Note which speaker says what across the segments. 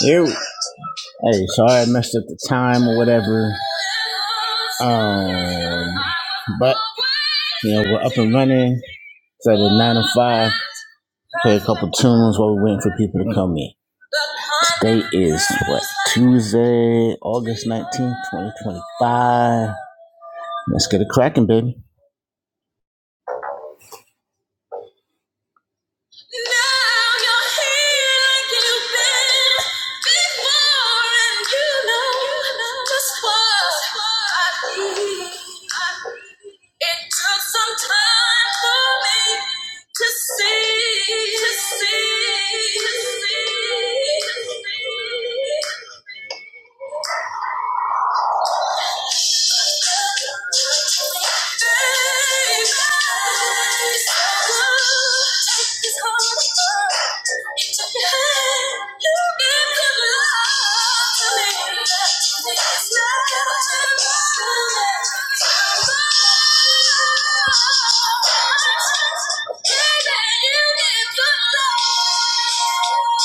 Speaker 1: Ew. Hey, sorry I messed up the time or whatever. Um, but you know we're up and running. So the nine to five, play a couple tunes while we're waiting for people to come in. Today is what Tuesday, August nineteenth, twenty twenty five. Let's get it cracking, baby. Now you're here like you've been before, and you know just what I need. It took some time for me to see, to see, to see. Baby, you give good love. All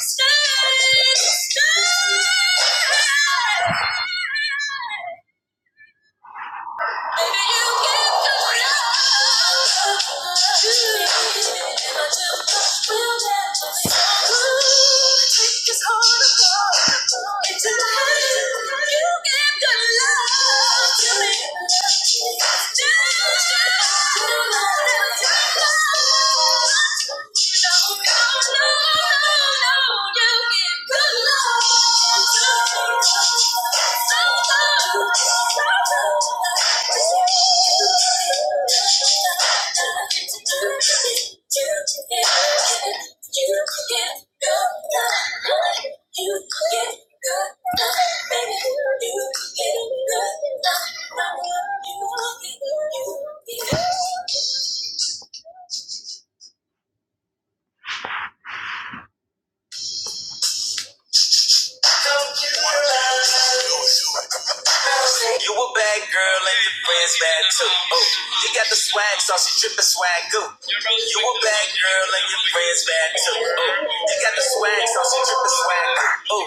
Speaker 1: Stay, stay. No, no, no, you. Don't you worry. You a bad girl and your friends bad too. Oh, you got the swag, so she drippin' swag goo. You a bad girl and your friends bad too. Oh, you got the swag, so she drippin' swag goo.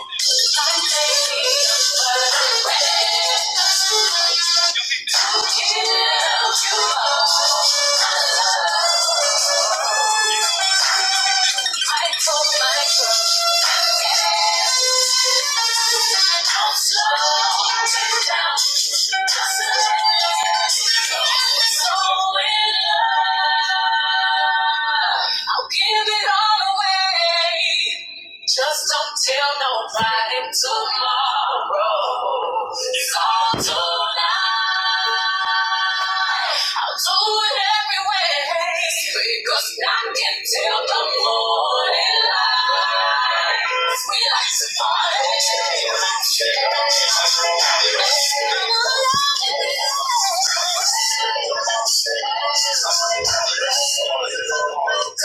Speaker 1: Oh. I'll give it all away. Just don't tell nobody tomorrow. It's all tonight. I'll do it every way because I can tell the morning light. We like to party. We like to party. We like to party.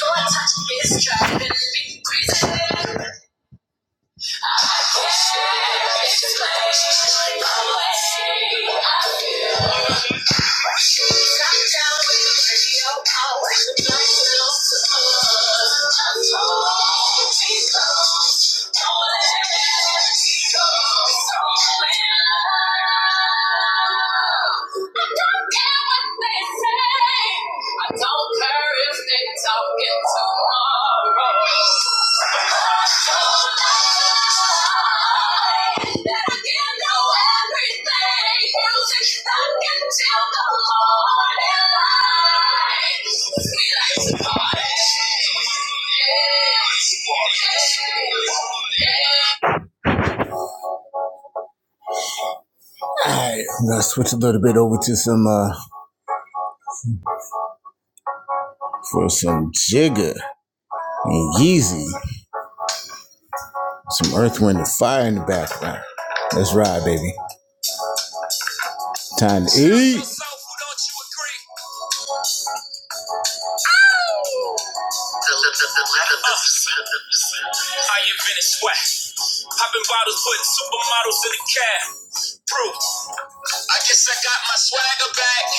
Speaker 1: Go and touch this track and be crazy. It's crazy. I don't care if they talking Alright, I'm gonna switch a little bit over to some uh for some Jigga and Yeezy, some Earth, Wind, and Fire in the background. Let's ride, baby. Time to I invented sweat. Popping bottles, putting supermodels in the cab. Proof. I guess I got my swagger back.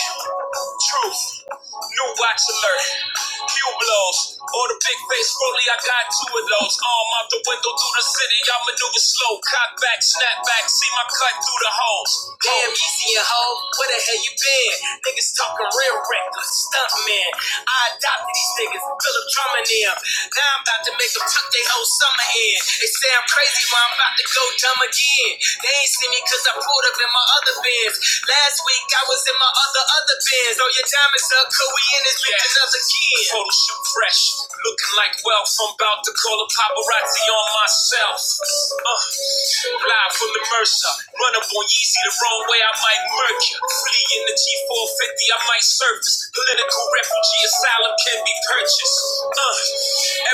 Speaker 1: Truth, new watch alert, Hugh blows, or the big face rolly, I got two of those. Arm out the window through the city, I maneuver slow, cock back, snap back, see my cut through the holes. Damn, easy and hoe, where the hell you been? Niggas talking real reckless, stunt man. I adopted these niggas, Philip Drummond them. Now I'm about to make them tuck their whole summer in. They say I'm crazy, but I'm about to go dumb again. They ain't see me cause I pulled up in my other other bins. Last week I was in my other other bins. Oh, your diamonds up, cause we in this bitch another kid. Photo shoot fresh, looking like wealth. I'm about to call a paparazzi on myself. Uh, fly from the Mercer, run up on Yeezy the wrong way, I might murk you. Flee in the G450, I might surface. Political refugee asylum can be purchased. Uh,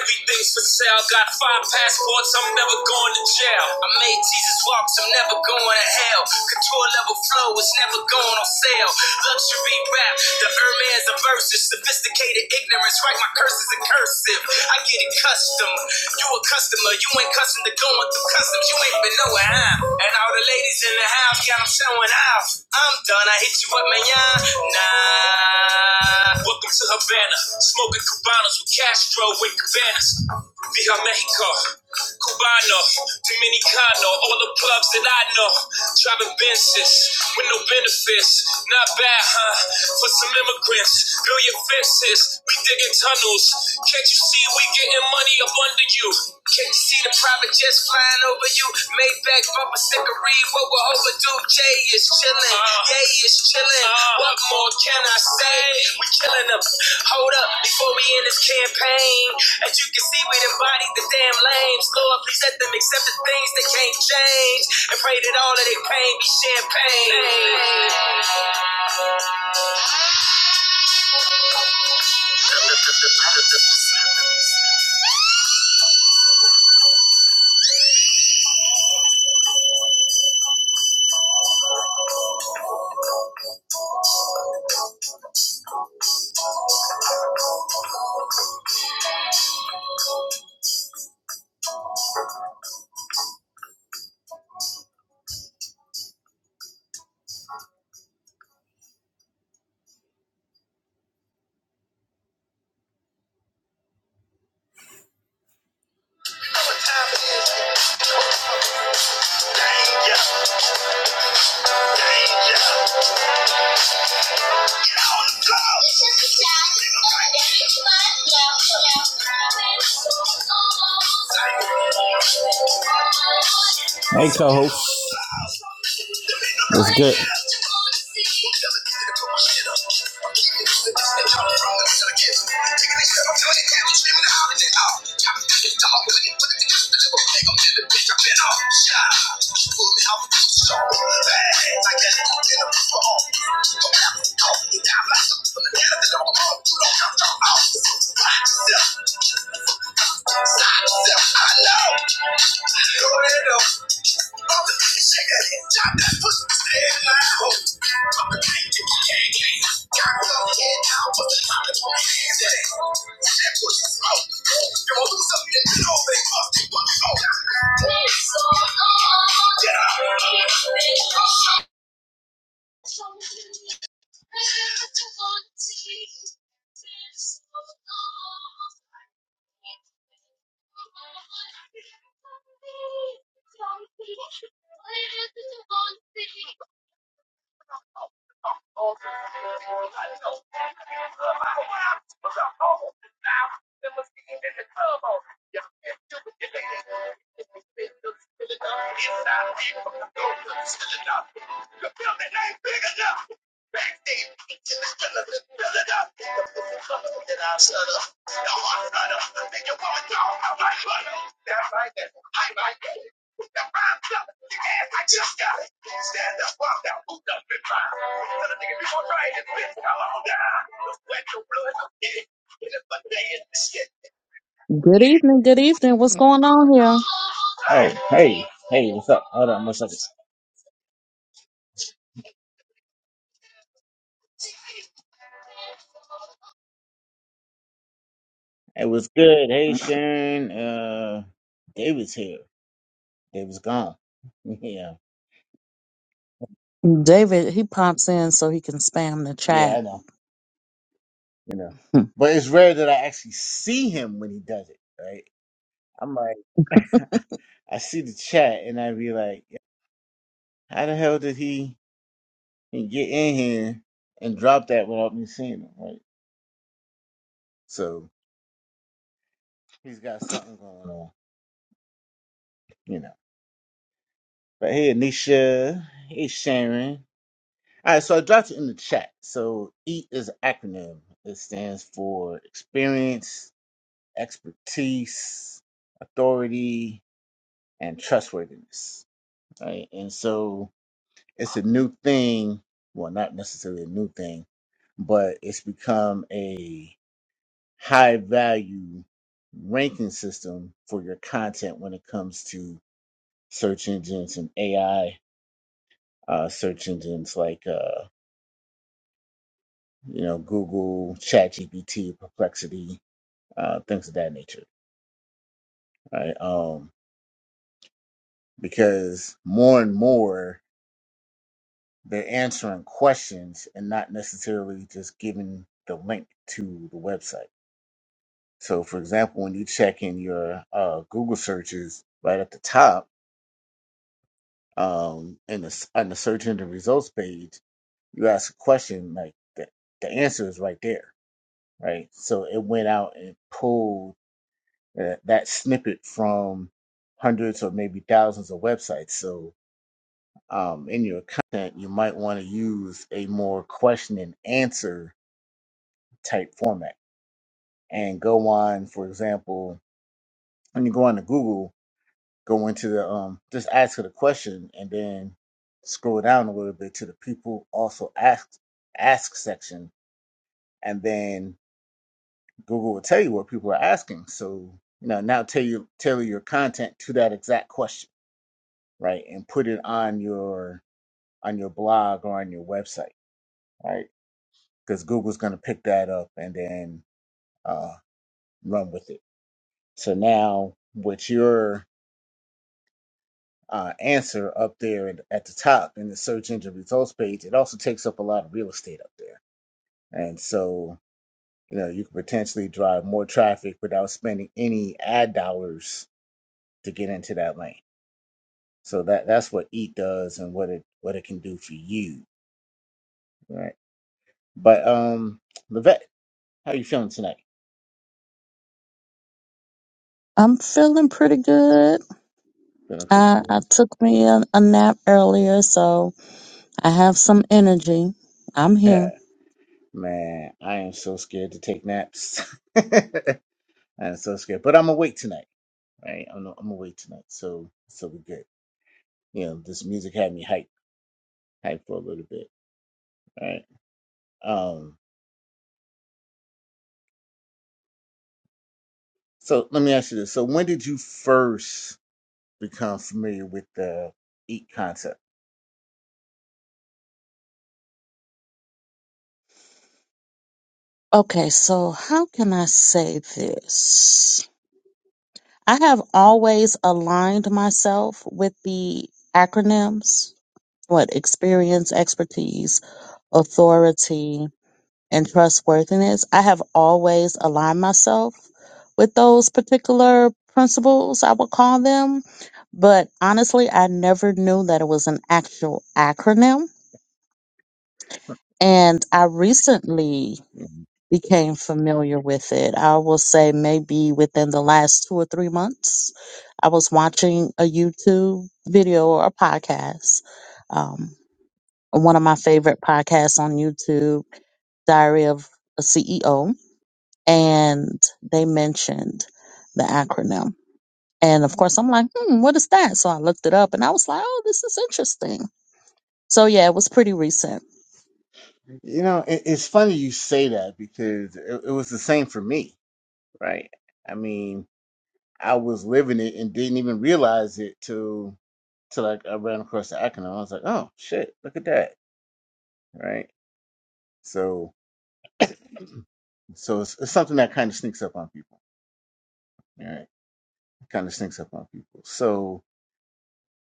Speaker 1: everything's for sale, got five passports, I'm never going to jail shell. I made Jesus walk, so I'm never going to hell. Couture level flow is never going on sale. Luxury rap, the Hermes of verses. Sophisticated ignorance, write my curses in cursive. I get it custom. You a customer, you ain't custom to going through customs. You ain't been nowhere, huh? And all the ladies in the house got them showing off. I'm done, I hit you up, man. yeah. Nah. Welcome to Havana, smoking Cubanos with Castro with Cabanas. Viva Mexico. Cubano, Dominicano, all the clubs that I know. Driving Benzes with no benefits. Not bad, huh? For some immigrants, billion fences. We digging tunnels. Can't you see we getting money up under you? Can't you see the private jets flying over you? Maybach bumper stickery, what we're overdue. Jay is chilling, Jay is chilling. Uh, what more can I say? We killing them. Hold up before we end this campaign. As you can see, we done bodied the damn lames. Lord, please let them accept the things they can't change. And pray that all of their pain be champagne. Hey, co-host. That's good. Get out! I'm just a homie now. Never seen in the club. Yeah, it's too big for me. If we build it up, build it up. If I keep on building it up, we can build it nice, big enough. Backstage, we can build it up, build it up. We can build it up, we can build it up. You know I'm a hustler, you know I'm a hustler. Think you're going down? I'm like a hustler, that's right, that's right, that's right. With the rhymes up, the ass I just got, stand up, walk out, who doesn't mind? Tell the niggas before trying this bitch, come on down. The wet, the blood,
Speaker 2: Good evening, good evening. What's going on here?
Speaker 1: Oh, hey, hey, what's up? Hold on, one second. Hey, what's good? Hey, Sharon. Uh, David's here. David's gone. Yeah,
Speaker 2: David, he pops in so he can spam the
Speaker 1: yeah,
Speaker 2: chat.
Speaker 1: I know, you know.
Speaker 2: Hmm.
Speaker 1: But it's rare that I actually see him when he does it, right? I'm like, I see the chat and I be like, how the hell did he he get in here and drop that without me seeing him, right? So he's got something going on, you know. But hey, Anisha. Hey, Sharon. All right, so I dropped it in the chat. So EAT is an acronym. It stands for experience, expertise, authority, and trustworthiness. Right, and so it's a new thing. Well, not necessarily a new thing, but it's become a high value ranking system for your content when it comes to search engines and AI uh, search engines like uh, you know Google, ChatGPT, Perplexity uh, things of that nature, right? Um, because more and more they're answering questions and not necessarily just giving the link to the website. So, for example, when you check in your uh, Google searches right at the top um, in the, s- on the search engine results page, you ask a question like the, the answer is right there, right? So it went out and pulled uh, that snippet from hundreds or maybe thousands of websites. So um, in your content, you might want to use a more question and answer type format and go on, for example, when you go on to Google, go into the, um, just ask it a question and then scroll down a little bit to the people also ask, ask section. And then Google will tell you what people are asking. So, you know, now tell you, tailor your content to that exact question, right? And put it on your, on your blog or on your website, right? because Google's going to pick that up and then uh, run with it. So now, with your uh, answer up there at at the top in the search engine results page, it also takes up a lot of real estate up there. And so, you know, you could potentially drive more traffic without spending any ad dollars to get into that lane. So that that's what Eat does and what it what it can do for you, right? But um, Levette, how are you feeling tonight?
Speaker 2: I'm feeling pretty good.
Speaker 1: Feeling pretty
Speaker 2: I, I took me a, a nap earlier, so I have some energy. I'm
Speaker 1: good.
Speaker 2: here.
Speaker 1: Man, I am so scared to take naps. I'm so scared, but I'm awake tonight, right? I'm I'm awake tonight, so so we good. You know, this music had me hype, hype for a little bit, right? Um, so let me ask you this: So when did you first become familiar with the eat concept?
Speaker 2: Okay, so how can I say this? I have always aligned myself with the acronyms. What? Experience, expertise, authority, and trustworthiness. I have always aligned myself with those particular principles, I would call them. But honestly, I never knew that it was an actual acronym. And I recently became familiar with it. I will say maybe within the last two or three months, I was watching a YouTube video or a podcast. Um, one of my favorite podcasts on YouTube, Diary of a CEO and they mentioned the acronym. And of course, I'm like, hmm, what is that? So I looked it up and I was like, oh, this is interesting. So yeah, it was pretty recent.
Speaker 1: You know, it, it's funny you say that because it, it was the same for me, right? I mean, I was living it and didn't even realize it till So like I ran across the acronym. I was like, oh shit, look at that, right? So so it's, it's something that kind of sneaks up on people, right? Kind of sneaks up on people. So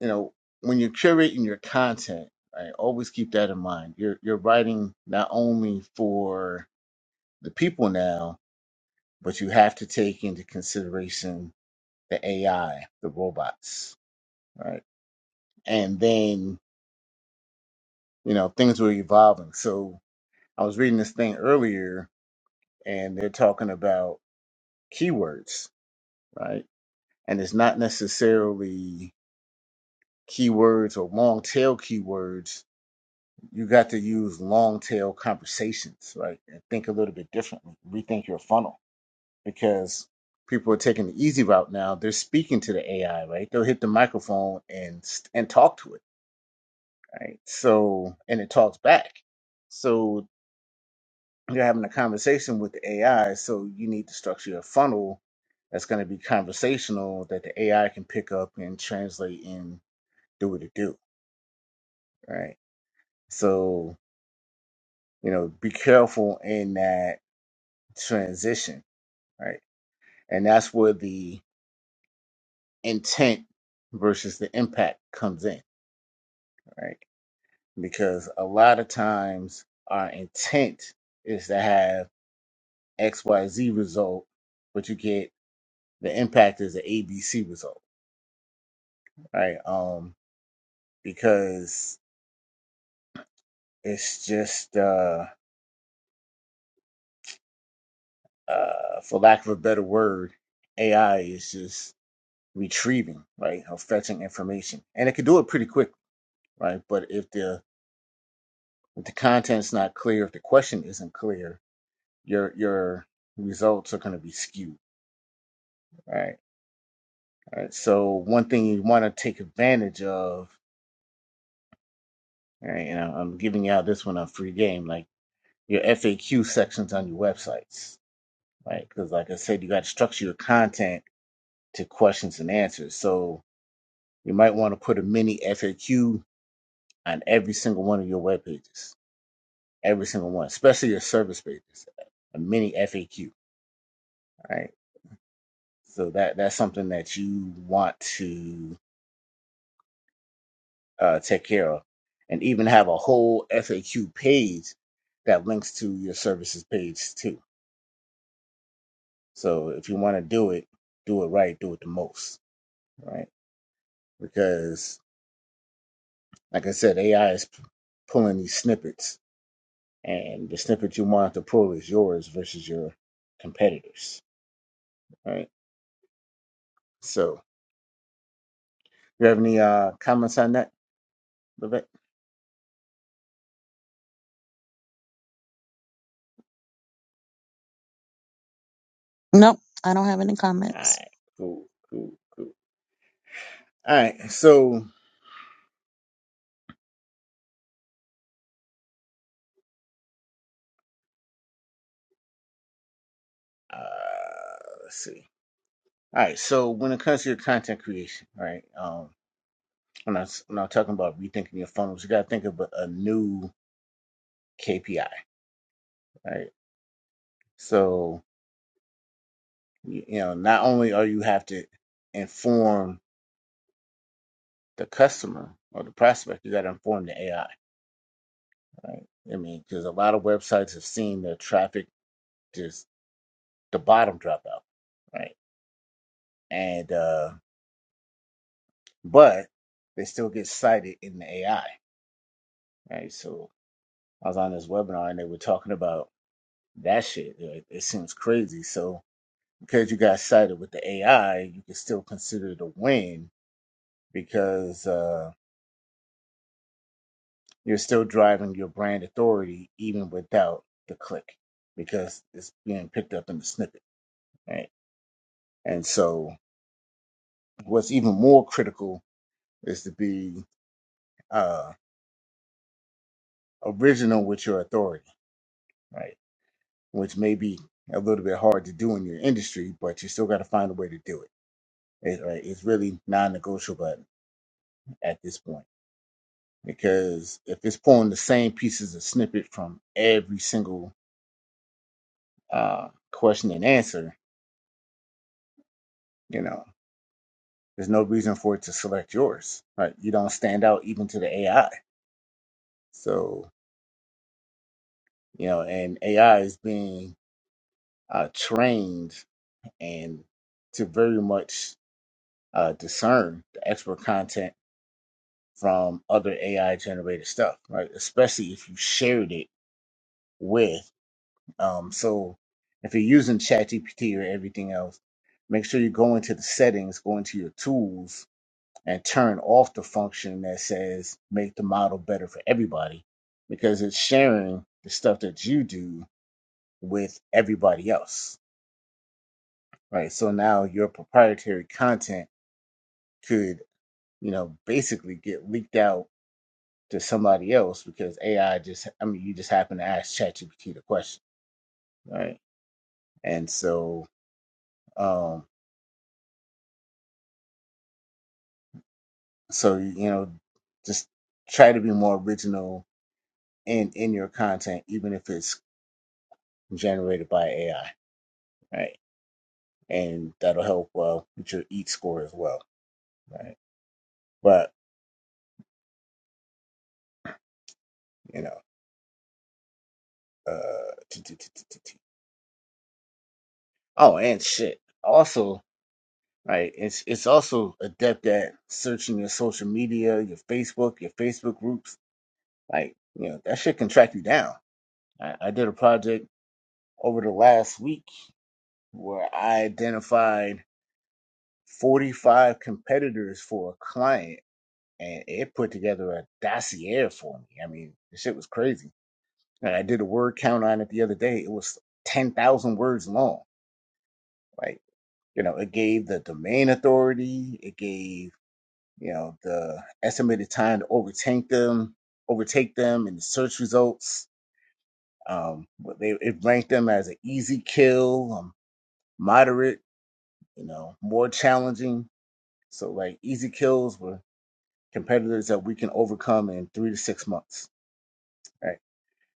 Speaker 1: you know when you're curating your content, right, always keep that in mind. You're you're writing not only for the people now, but you have to take into consideration the AI, the robots, right? And then you know things were evolving. So I was reading this thing earlier, and they're talking about keywords, right? And it's not necessarily keywords or long tail keywords. You got to use long tail conversations, right? And think a little bit differently. Rethink your funnel because people are taking the easy route now. They're speaking to the AI, right? They'll hit the microphone and and talk to it, right? So and it talks back. So you're having a conversation with the AI, so you need to structure a funnel that's going to be conversational that the AI can pick up and translate and do what it do, right? So, you know, be careful in that transition, right? And that's where the intent versus the impact comes in, right? Because a lot of times our intent is to have XYZ result, but you get the impact is an ABC result right? Um, because it's just, uh, uh, for lack of a better word, AI is just retrieving, right, or fetching information, and it can do it pretty quickly, right? But if the if the content's not clear, if the question isn't clear, your your results are going to be skewed, right? All right. So one thing you want to take advantage of, all right, and I- I'm giving out this one a free game, like your FAQ sections on your websites Right. Because, like I said, you got to structure your content to questions and answers. So you might want to put a mini FAQ on every single one of your web pages, every single one, especially your service pages, a mini FAQ. Right. So that that's something that you want to uh, take care of, and even have a whole FAQ page that links to your services page too. So if you want to do it, do it right, do it the most. Right. Because Like I said, AI is p- pulling these snippets, and the snippet you want to pull is yours versus your competitors. All right. So, you have any uh, comments on that, Vivek?
Speaker 2: Nope, I don't have any
Speaker 1: All
Speaker 2: comments.
Speaker 1: right. Cool, cool, cool. All right. So, uh, let's see. All right. So, when it comes to your content creation, all right, um, when, I, was- when I'm talking about rethinking your funnels, you got to think of a, a new KPI, right? So, you, you know, not only are you have to inform the customer or the prospect, you got to inform the AI, right? I mean, because a lot of websites have seen their traffic just the bottom drop out, right? And uh, but they still get cited in the AI, right? So I was on this webinar and they were talking about that shit. It, it seems crazy. So because you got cited with the AI, you can still consider it a win because. uh, you're still driving your brand authority even without the click because it's being picked up in the snippet right and so what's even more critical is to be uh original with your authority right which may be a little bit hard to do in your industry but you still got to find a way to do it It- right, it's really non-negotiable at this point because if it's pulling the same pieces of snippet from every single uh question and answer you know. There's no reason for it to select yours, right? You don't stand out even to the AI. So, you know, and AI is being uh, trained and to very much uh, discern the expert content from other AI generated stuff, right? Especially if you shared it with. Um, so if you're using ChatGPT or everything else, make sure you go into the settings, go into your tools, and turn off the function that says make the model better for everybody because it's sharing the stuff that you do with everybody else right so now your proprietary content could you know basically get leaked out to somebody else because ai just i mean you just happen to ask chatgpt the question right and so um so you know just try to be more original in in your content even if it's generated by ai right and that'll help uh, with your EAT score as well, right? But you know, uh, t- t- t- t- t- t- oh, and shit. Also, right, it's it's also adept at searching your social media, your Facebook, your Facebook groups. Like, you know, that shit can track you down. I, I did a project over the last week where I identified 45 competitors for a client, and it put together a dossier for me. I mean, the shit was crazy And I did a word count on it the other day. It was 10,000 words long. Like, you know, it gave the domain authority, it gave, you know, the estimated time to overtake them, overtake them in the search results. Um, what they, it ranked them as an easy kill, um, moderate, you know, more challenging. So, like, easy kills were competitors that we can overcome in three to six months, right?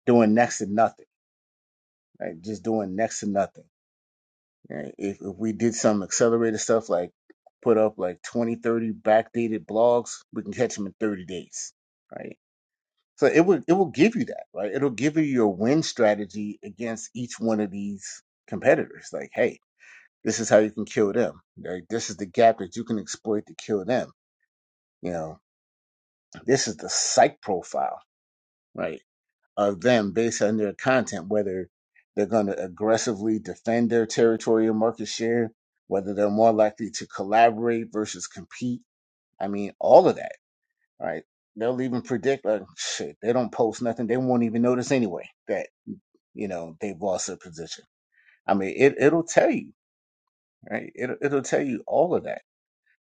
Speaker 1: Doing next to nothing, right? Just doing next to nothing Right? If, if we did some accelerated stuff like put up like 20 30 backdated blogs, we can catch them in 30 days, right? So it will it will give you that, right? It'll give you your win strategy against each one of these competitors. Like, hey, this is how you can kill them. Like, this is the gap that you can exploit to kill them. You know, this is the psych profile, right? of them based on their content, whether they're going to aggressively defend their territorial market share, whether they're more likely to collaborate versus compete. I mean, all of that, right? They'll even predict, like, shit, they don't post nothing. They won't even notice anyway that, you know, they've lost their position. I mean, it, it'll tell you, right? it it'll tell you all of that.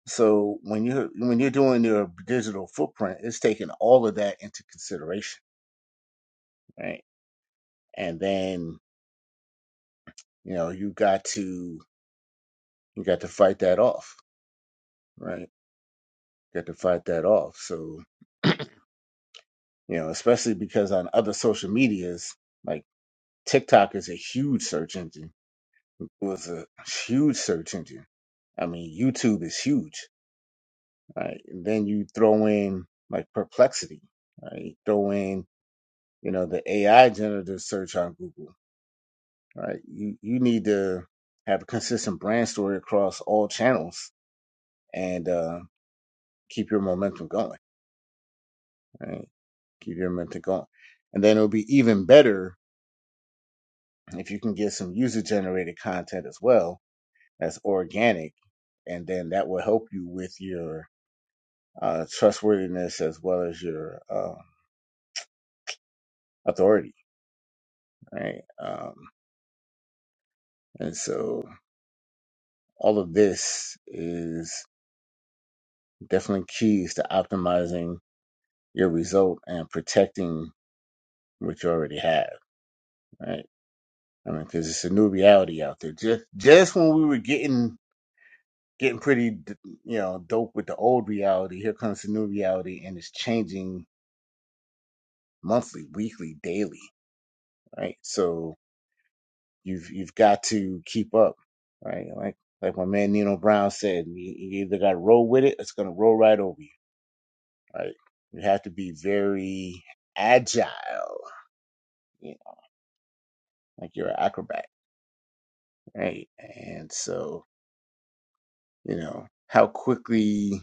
Speaker 1: So when you're, when you're doing your digital footprint, it's taking all of that into consideration, right? And then, you know, you got to you got to fight that off, right? You got to fight that off. So, you know, especially because on other social medias, like TikTok is a huge search engine. It was a huge search engine. I mean, YouTube is huge, right? And then you throw in like perplexity, right? throw in, you know, the AI generative search on Google, right? You you need to have a consistent brand story across all channels and uh, keep your momentum going right? Keep your mentor going. And then it'll be even better if you can get some user generated content as well that's organic. And then that will help you with your uh, trustworthiness as well as your uh, authority, right? Um, and so all of this is definitely keys to optimizing your result and protecting what you already have, right? I mean, because it's a new reality out there. Just just when we were getting getting pretty, d- you know, dope with the old reality. Here comes the new reality, and it's changing monthly, weekly, daily, right? So you've you've got to keep up, right? Like like my man Nino Brown said, you, you either got to roll with it, or it's gonna roll right over you, right? You have to be very agile, you know, like you're an acrobat, right? And so you know how quickly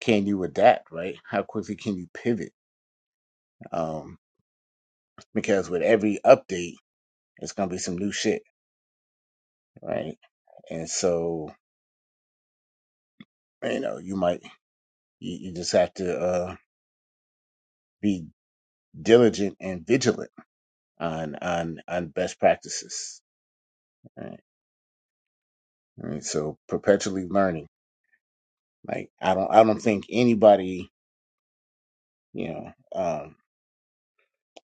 Speaker 1: can you adapt, right? How quickly can you pivot? Um, because with every update It's gonna be some new shit, right? And so, you know, you might you, you just have to uh, be diligent and vigilant on on on best practices. Right? And so, perpetually learning. Like I don't I don't think anybody, you know, um,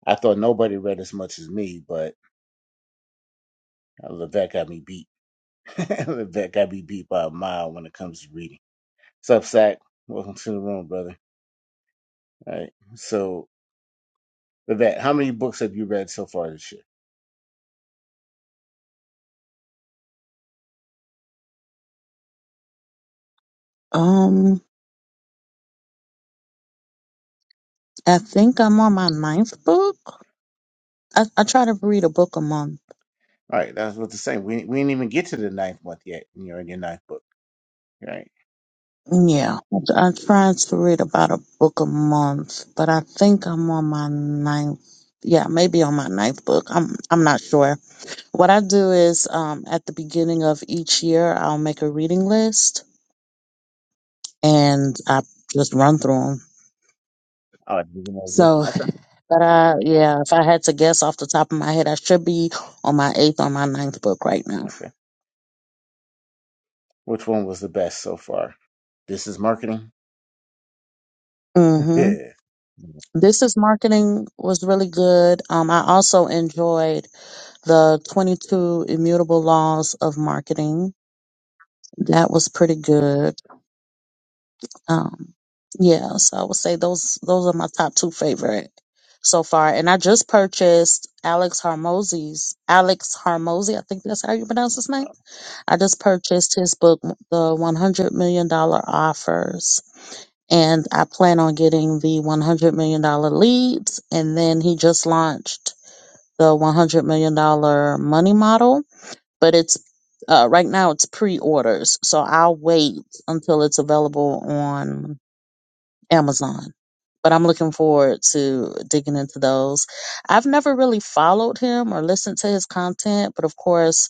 Speaker 1: I thought nobody read as much as me, but uh, Levesque got me beat. Levesque got me beat by a mile when it comes to reading. Sup, Sack? Welcome to the room, brother. All right. So, Levesque, how many books have you read so far this year?
Speaker 2: Um, I think I'm on my ninth book. I, I try to read a book a month.
Speaker 1: Right, that's what to say. We we didn't even get to the ninth month yet, and you're in your ninth book, right?
Speaker 2: Yeah, I, I try to read about a book a month, but I think I'm on my ninth. Yeah, maybe on my ninth book. I'm I'm not sure. What I do is um, at the beginning of each year, I'll make a reading list and I just run through them.
Speaker 1: Oh, you can know, yeah.
Speaker 2: So,
Speaker 1: okay,
Speaker 2: but uh, yeah, if I had to guess off the top of my head, I should be on my eighth or my ninth book right now.
Speaker 1: okay. Which one was the best so far? This is marketing.
Speaker 2: hmm
Speaker 1: Yeah.
Speaker 2: This is marketing was really good. Um, I also enjoyed the 22 immutable laws of marketing. That was pretty good. Um, yeah, so I would say those those are my top two favorite so far. And I just purchased Alex Harmozy's Alex Harmozy, I think that's how you pronounce his name. I just purchased his book, The One Hundred Million Dollar Offers, and I plan on getting the One Hundred Million Dollar Leads. And then he just launched the One Hundred Million Dollar Money Model, but it's uh, right now it's pre-orders, so I'll wait until it's available on Amazon. But I'm looking forward to digging into those. I've never really followed him or listened to his content, but of course,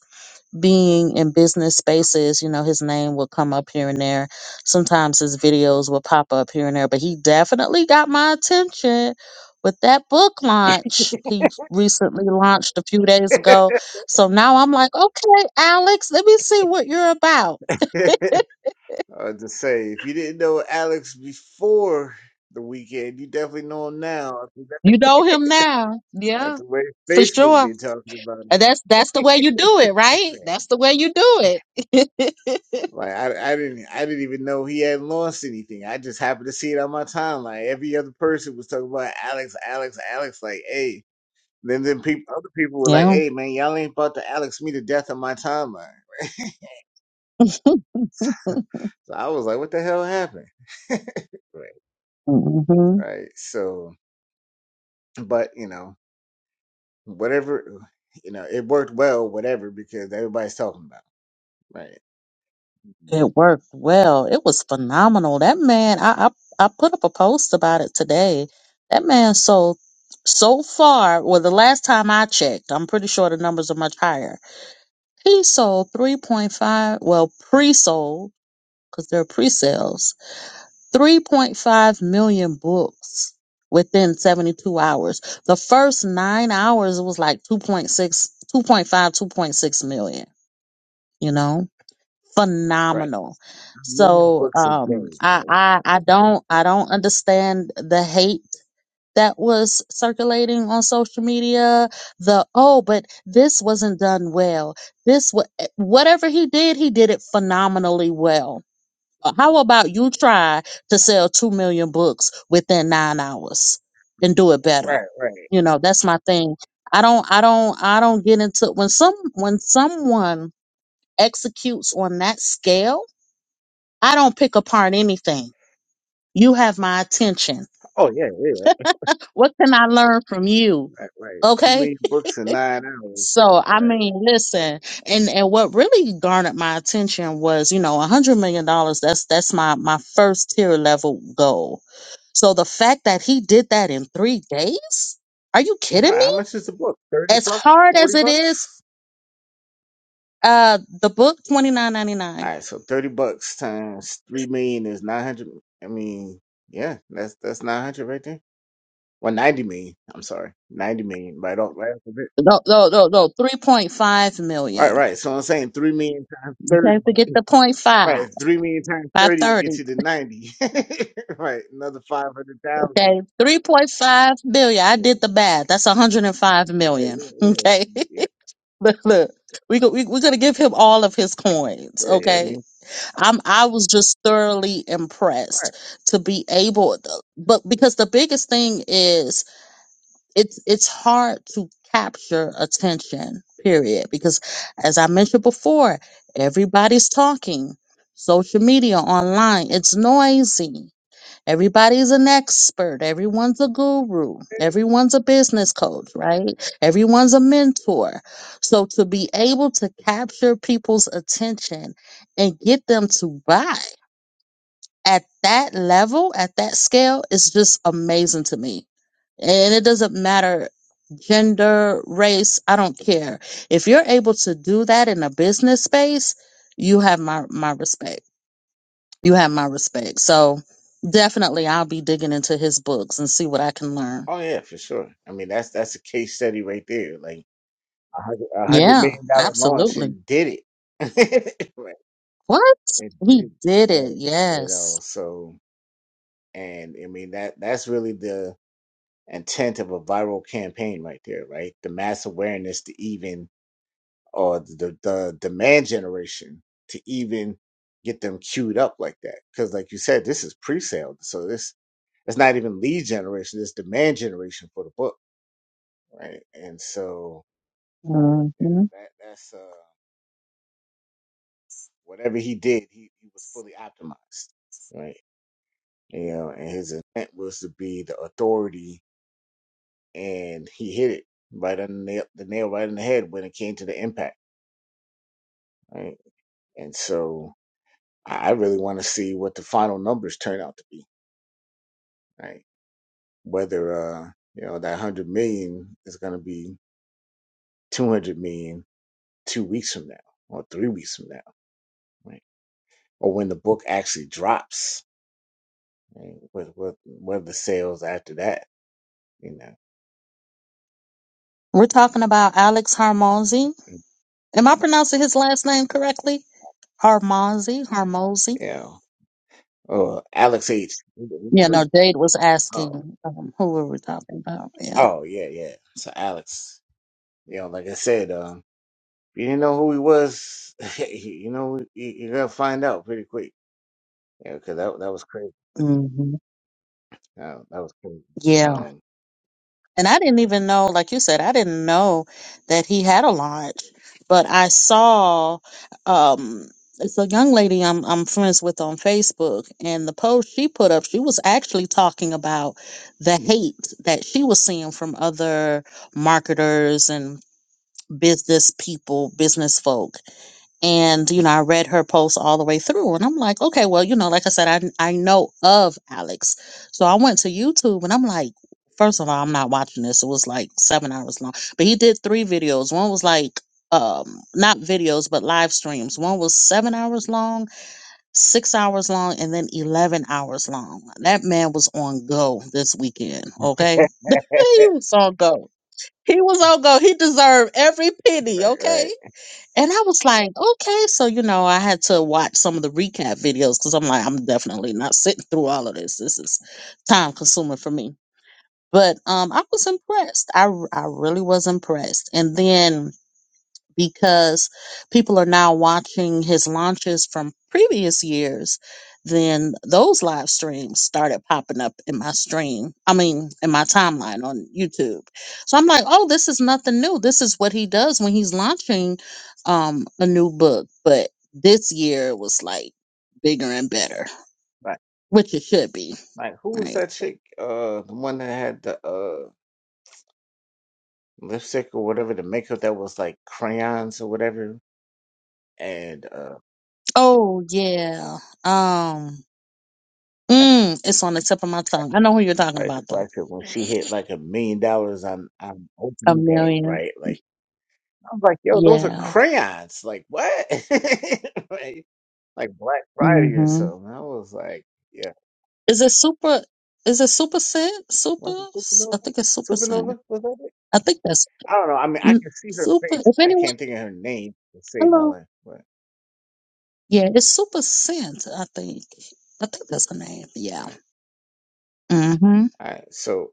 Speaker 2: being in business spaces, you know, his name will come up here and there. Sometimes his videos will pop up here and there, but he definitely got my attention with that book launch he recently launched a few days ago. So now I'm like, okay, Alex, let me see what you're about.
Speaker 1: uh, to say, if you didn't know Alex before the weekend, you definitely know him now.
Speaker 2: You know him now. Yeah,
Speaker 1: That's the way
Speaker 2: for
Speaker 1: Facebook
Speaker 2: sure.
Speaker 1: been talking about him.
Speaker 2: And that's that's the way you do it, right? That's the way you do it.
Speaker 1: Like I, I didn't, I didn't even know he had launched anything. I just happened to see it on my timeline. Every other person was talking about Alex, Alex, Alex. Like, hey. Then then people, other people were like,
Speaker 2: yeah.
Speaker 1: "Hey man, y'all ain't about to Alex me to death on my timeline." So I was like, "What the hell happened?" right.
Speaker 2: hmm
Speaker 1: Right. So, but you know, whatever, you know, it worked well, whatever, because everybody's talking about. it. Right. Yeah.
Speaker 2: It worked well. It was phenomenal. That man, I, I I put up a post about it today. That man sold so far, well, the last time I checked, I'm pretty sure the numbers are much higher. He sold 3.5, well, pre-sold because they're pre-sales 3.5 million books within 72 hours. The first nine hours, it was like two point six, two point five, two point six million. you know, phenomenal.
Speaker 1: Two million
Speaker 2: So,
Speaker 1: books a
Speaker 2: um,
Speaker 1: day.
Speaker 2: I,
Speaker 1: Right.
Speaker 2: I, I don't, I don't understand the hate that was circulating on social media. The, oh, but this wasn't done well. This, wa- eh, whatever he did, he did it phenomenally well uh, How about you try to sell 2 million books within 9 hours and do it better?
Speaker 1: right.
Speaker 2: You know, that's my thing. I don't I don't I don't get into when some when someone executes on that scale, I don't pick apart anything. You have my attention.
Speaker 1: Oh yeah, yeah.
Speaker 2: What can I learn from you?
Speaker 1: Right. Right. Two
Speaker 2: Okay?
Speaker 1: million books in nine hours.
Speaker 2: So I
Speaker 1: Right.
Speaker 2: mean, listen, and and what really garnered my attention was, you know, a hundred million dollars. That's that's my my first tier level goal So the fact that he did that in three days? Are you kidding
Speaker 1: Right. How
Speaker 2: me?
Speaker 1: much is the book? Thirty
Speaker 2: As
Speaker 1: bucks?
Speaker 2: hard as
Speaker 1: Forty
Speaker 2: it is,
Speaker 1: bucks?
Speaker 2: uh, the book twenty nine ninety nine.
Speaker 1: All right, so thirty bucks times three million is nine hundred. I mean, yeah, that's that's nine hundred right there. Well, ninety million. I'm sorry, ninety million. Right off, right off the bit.
Speaker 2: No, no, no, no. Three point five
Speaker 1: All Right,
Speaker 2: million.
Speaker 1: right. So I'm saying three million times
Speaker 2: You
Speaker 1: thirty.
Speaker 2: can't forget the point five.
Speaker 1: Right, three million times
Speaker 2: Five
Speaker 1: thirty will get
Speaker 2: thirty.
Speaker 1: you to ninety. right, another five hundred thousand.
Speaker 2: Okay. Three point five million. I
Speaker 1: Yeah,
Speaker 2: did the math. That's hundred and five
Speaker 1: yeah,
Speaker 2: million.
Speaker 1: yeah, yeah,
Speaker 2: Okay.
Speaker 1: yeah,
Speaker 2: look, look. We go, we, we're gonna give him all of his coins.
Speaker 1: yeah, yeah. I
Speaker 2: Okay.
Speaker 1: mean,
Speaker 2: I'm I was just thoroughly
Speaker 1: right.
Speaker 2: impressed to be able, but because the biggest thing is it's it's hard to capture attention period because as i mentioned before everybody's talking social media online it's noisy everybody's an expert everyone's a guru everyone's a business coach right everyone's a mentor so to be able to capture people's attention and get them to buy at that level, at that scale, is just amazing to me. And it doesn't matter gender, race, I don't care. If you're able to do that in a business space, you have my, my respect. You have my respect. So definitely I'll be digging into his books and see what I can learn.
Speaker 1: Oh yeah, for sure. I mean, that's that's a case study right there. Like a hundred a hundred
Speaker 2: Yeah,
Speaker 1: million dollar launch
Speaker 2: absolutely.
Speaker 1: and did it. right,
Speaker 2: What?
Speaker 1: It
Speaker 2: He
Speaker 1: did,
Speaker 2: did it.
Speaker 1: right. You know,
Speaker 2: Yes.
Speaker 1: so and I mean that that's really the intent of a viral campaign right there, right? The mass awareness to even or the the demand generation to even get them queued up like that. Because like you said, this is pre-sale. So this it's not even lead generation, it's demand generation for the book, right? And so,
Speaker 2: hmm
Speaker 1: you know, that that's uh whatever he did, he, he was fully optimized, right? you know, and his intent was to be the authority, and he hit it right on the nail, the nail right in the head when it came to the impact, right? And so I I really want to see what the final numbers turn out to be, right? Whether uh, you know that hundred million is going to be two hundred million two weeks from now or three weeks from now, right? Or when the book actually drops, right? What what what are the sales after that, you know?
Speaker 2: We're talking about Alex Harmonzi. Am I pronouncing his last name correctly? Harmozy, Harmozy.
Speaker 1: you know, Oh, Alex H.
Speaker 2: Yeah, no, Jade was asking um, who we were talking about. Yeah.
Speaker 1: Oh yeah, yeah. So Alex, you know, like I said, um, if you didn't know who he was, you know, you, you're gonna find out pretty quick. Yeah, because that that was crazy.
Speaker 2: hmm
Speaker 1: Uh, that was crazy.
Speaker 2: Yeah.
Speaker 1: Um,
Speaker 2: And I didn't even know, like you said, I didn't know that he had a launch, but I saw um it's a young lady I'm I'm friends with on Facebook and the post she put up, she was actually talking about the hate that she was seeing from other marketers and business people, business folk. and you know i read her post all the way through and i'm like okay well you know like i said i, I know of alex so i went to youtube and i'm like first of all i'm not watching this it was like seven hours long but he did three videos one was like um not videos but live streams one was seven hours long six hours long and then 11 hours long that man was on go this weekend okay he was on go he was on go he deserved every penny okay
Speaker 1: right,
Speaker 2: and I was like, okay, so you know, I had to watch some of the recap videos because I'm like, I'm definitely not sitting through all of this. This is time consuming for me. But um, I was impressed. I r- I really was impressed. And then because people are now watching his launches from previous years, then those live streams started popping up in my stream. I mean, in my timeline on YouTube. So I'm like, oh, this is nothing new. This is what he does when he's launching um, a new book. But this year it was like bigger and better,
Speaker 1: like
Speaker 2: which it should be,
Speaker 1: like who was
Speaker 2: right?
Speaker 1: that chick? Uh, the one that had the uh lipstick or whatever, the makeup that was like crayons or whatever, and uh,
Speaker 2: Oh yeah. Um,
Speaker 1: like
Speaker 2: mm, it's on the tip of my tongue. I know who you're talking
Speaker 1: right, the
Speaker 2: about though.
Speaker 1: black chick when she hit like a million dollars on on
Speaker 2: A
Speaker 1: opening day,
Speaker 2: million.
Speaker 1: right? Like. I was like, yo, those are
Speaker 2: Yeah.
Speaker 1: crayons. Like, what? like, like Black Friday or
Speaker 2: hmm
Speaker 1: something. I was like, yeah.
Speaker 2: Is it super? Is it super sin? Super?
Speaker 1: Was it
Speaker 2: S-
Speaker 1: Supernova?
Speaker 2: I think it's super sin.
Speaker 1: Supernova? Was that it?
Speaker 2: I think that's
Speaker 1: I don't know. I mean, I
Speaker 2: mm,
Speaker 1: can see her
Speaker 2: super.
Speaker 1: face.
Speaker 2: If
Speaker 1: I
Speaker 2: anyone,
Speaker 1: can't think of her name to save my
Speaker 2: hello,
Speaker 1: life. But,
Speaker 2: yeah, it's super sin. I think. I think that's the name. Yeah.
Speaker 1: right.
Speaker 2: Mm-hmm.
Speaker 1: All right. So,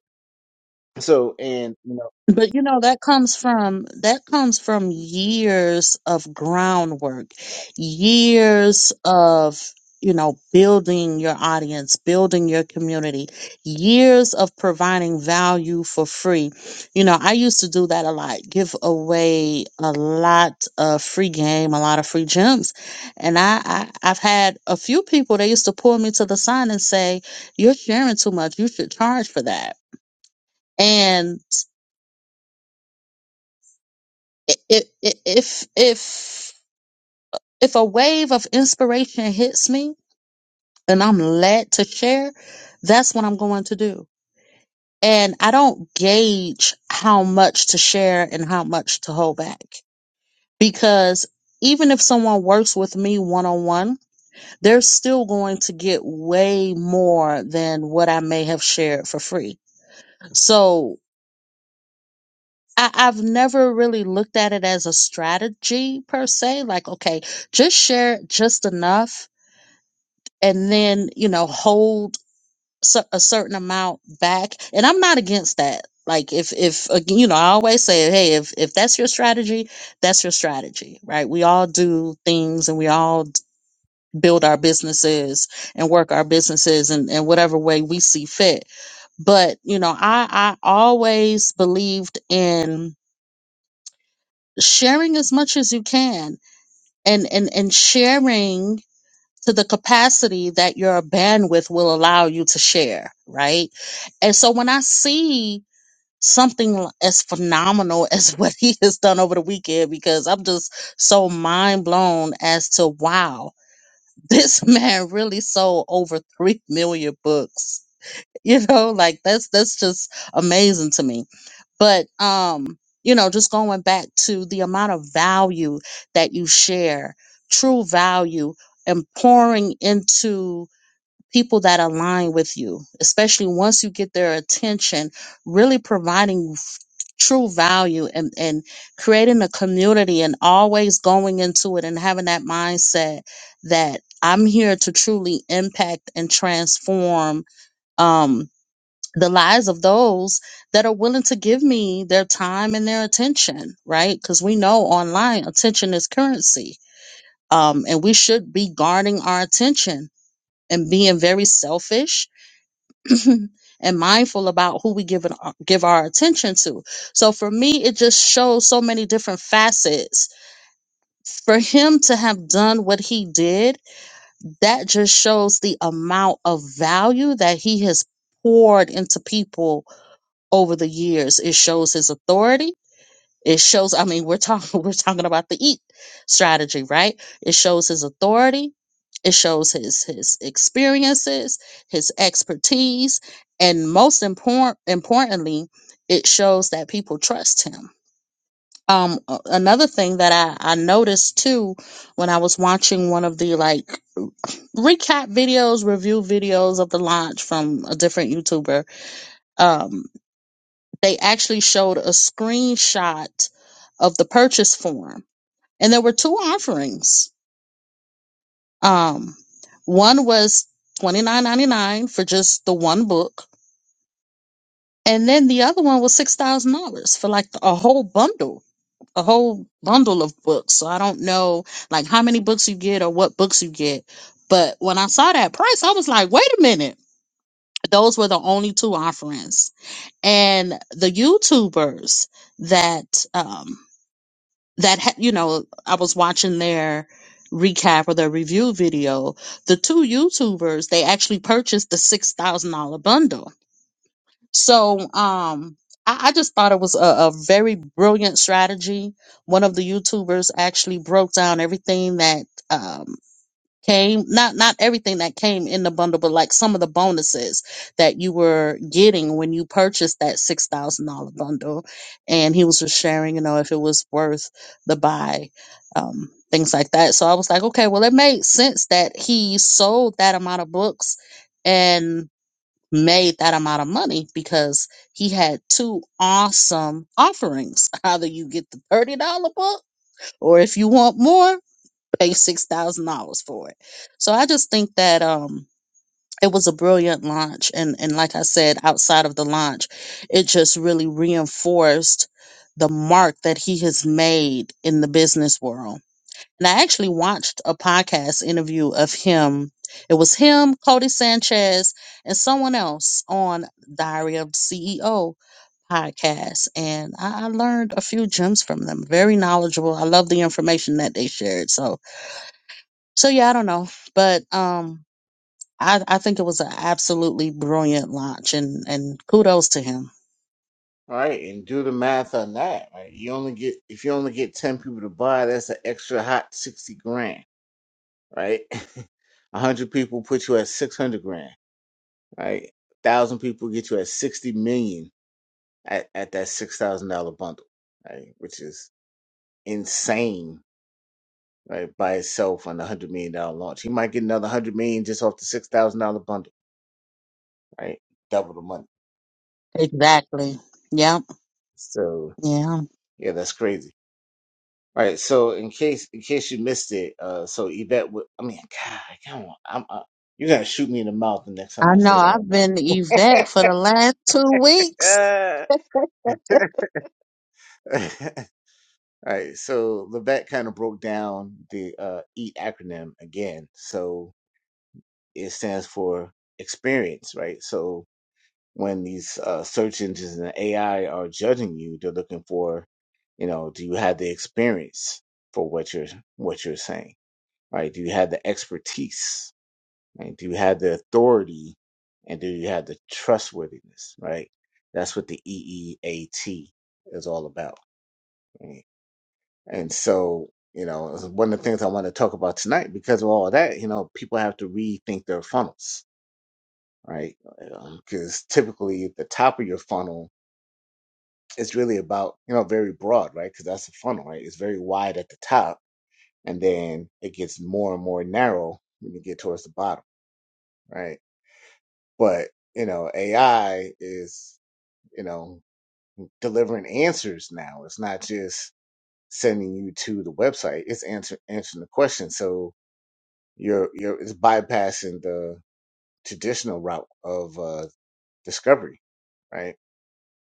Speaker 1: so, and, you know,
Speaker 2: But you know that comes from that comes from years of groundwork, years of you know building your audience, building your community, years of providing value for free. You know, I used to do that a lot, give away a lot of free game, a lot of free gems. And I, I I've had a few people they used to pull me to the side and say, "You're sharing too much. You should charge for that." And i- i- i- if if if a wave of inspiration hits me and I'm led to share, that's what I'm going to do. And I don't gauge how much to share and how much to hold back because even if someone works with me one on one, they're still going to get way more than what I may have shared for free. So I, I've never really looked at it as a strategy per se, like, okay, just share just enough and then you know hold cer- a certain amount back and i'm not against that like if if again you know i always say hey if if that's your strategy that's your strategy right we all do things and we all d- build our businesses and work our businesses in, in whatever way we see fit but you know i i always believed in sharing as much as you can and and and sharing to the capacity that your bandwidth will allow you to share, right? And so when I see something as phenomenal as what he has done over the weekend, because I'm just so mind blown as to wow, this man really sold over 3 million books you know like that's that's just amazing to me but um you know just going back to the amount of value that you share true value and pouring into people that align with you especially once you get their attention really providing f- true value and and creating a community and always going into it and having that mindset that I'm here to truly impact and transform um the lives of those that are willing to give me their time and their attention, right? Because we know online attention is currency. Um, and we should be guarding our attention and being very selfish and mindful about who we give it, give our attention to. So for me, it just shows so many different facets. For him to have done what he did, that just shows the amount of value that he has poured into people over the years. It shows his authority. It shows, I mean, we're talking we're talking about the eat strategy, right? It shows his authority. It shows his his experiences, his expertise, and most important importantly, it shows that people trust him. Um, a- another thing that I, I noticed too when I was watching one of the like recap videos, review videos of the launch from a different YouTuber, um, they actually showed a screenshot of the purchase form. And there were two offerings. Um, one was twenty nine ninety nine for just the one book, and then the other one was six thousand dollars for like a whole bundle, a whole bundle of books. So I don't know like how many books you get or what books you get. But when I saw that price, I was like, wait a minute. Those were the only two offerings. And the YouTubers that um that ha- you know i was watching their recap or their review video the two youtubers they actually purchased the six thousand dollar bundle so um I, I just thought it was a, a very brilliant strategy one of the youtubers actually broke down everything that um, came not not everything that came in the bundle but like some of the bonuses that you were getting when you purchased that six thousand dollar bundle and he was just sharing you know if it was worth the buy um things like that so i was like okay well it made sense that he sold that amount of books and made that amount of money because he had two awesome offerings either you get the $30 book or if you want more pay six thousand dollars for it. So I just think that um it was a brilliant launch and and like I said, outside of the launch, it just really reinforced the mark that he has made in the business world. And I actually watched a podcast interview of him. It was him, Cody Sanchez, and someone else on Diary of the CEO podcast. And I I learned a few gems from them. Very knowledgeable. I love the information that they shared. So so yeah, I don't know, but um, I I think it was an absolutely brilliant launch, and and kudos to him.
Speaker 1: all right. And do the math on that, right? You only get, if you only get 10 people to buy, that's an extra hot 60 grand, right? 100 people put you at 600 grand. right? Thousand people get you at sixty million at, at that six thousand dollar bundle, right? Which is insane, right? By itself on the hundred million dollar launch, he might get another hundred million just off the six thousand dollar bundle, right? Double the money.
Speaker 2: Exactly. Yep.
Speaker 1: So
Speaker 2: Yeah.
Speaker 1: yeah, that's crazy. All right, so in case in case you missed it, uh, so Yvette, would, I mean, God, come on, I'm, I, you're gonna shoot me in the mouth the next time
Speaker 2: I
Speaker 1: I
Speaker 2: know.
Speaker 1: say that. I
Speaker 2: I've
Speaker 1: know.
Speaker 2: been Yvette for the last two weeks.
Speaker 1: All right, so Levesque kind of broke down the uh, EAT acronym again. So it stands for experience, right? So when these uh, search engines and AI are judging you, they're looking for, you know, do you have the experience for what you're what you're saying, right? Do you have the expertise, right? Do you have the authority, and do you have the trustworthiness, right? That's what the EEAT is all about. right? And so, you know, it's one of the things I want to talk about tonight because of all that, you know, people have to rethink their funnels, right? Because typically at the top of your funnel is really about, you know, very broad, right? Because that's a funnel, right? It's very wide at the top and then it gets more and more narrow when you get towards the bottom, right? But, you know, AI is, you know, delivering answers now. It's not just sending you to the website, it's answer, answering the question. So, You're you're it's bypassing the traditional route of uh, discovery, right?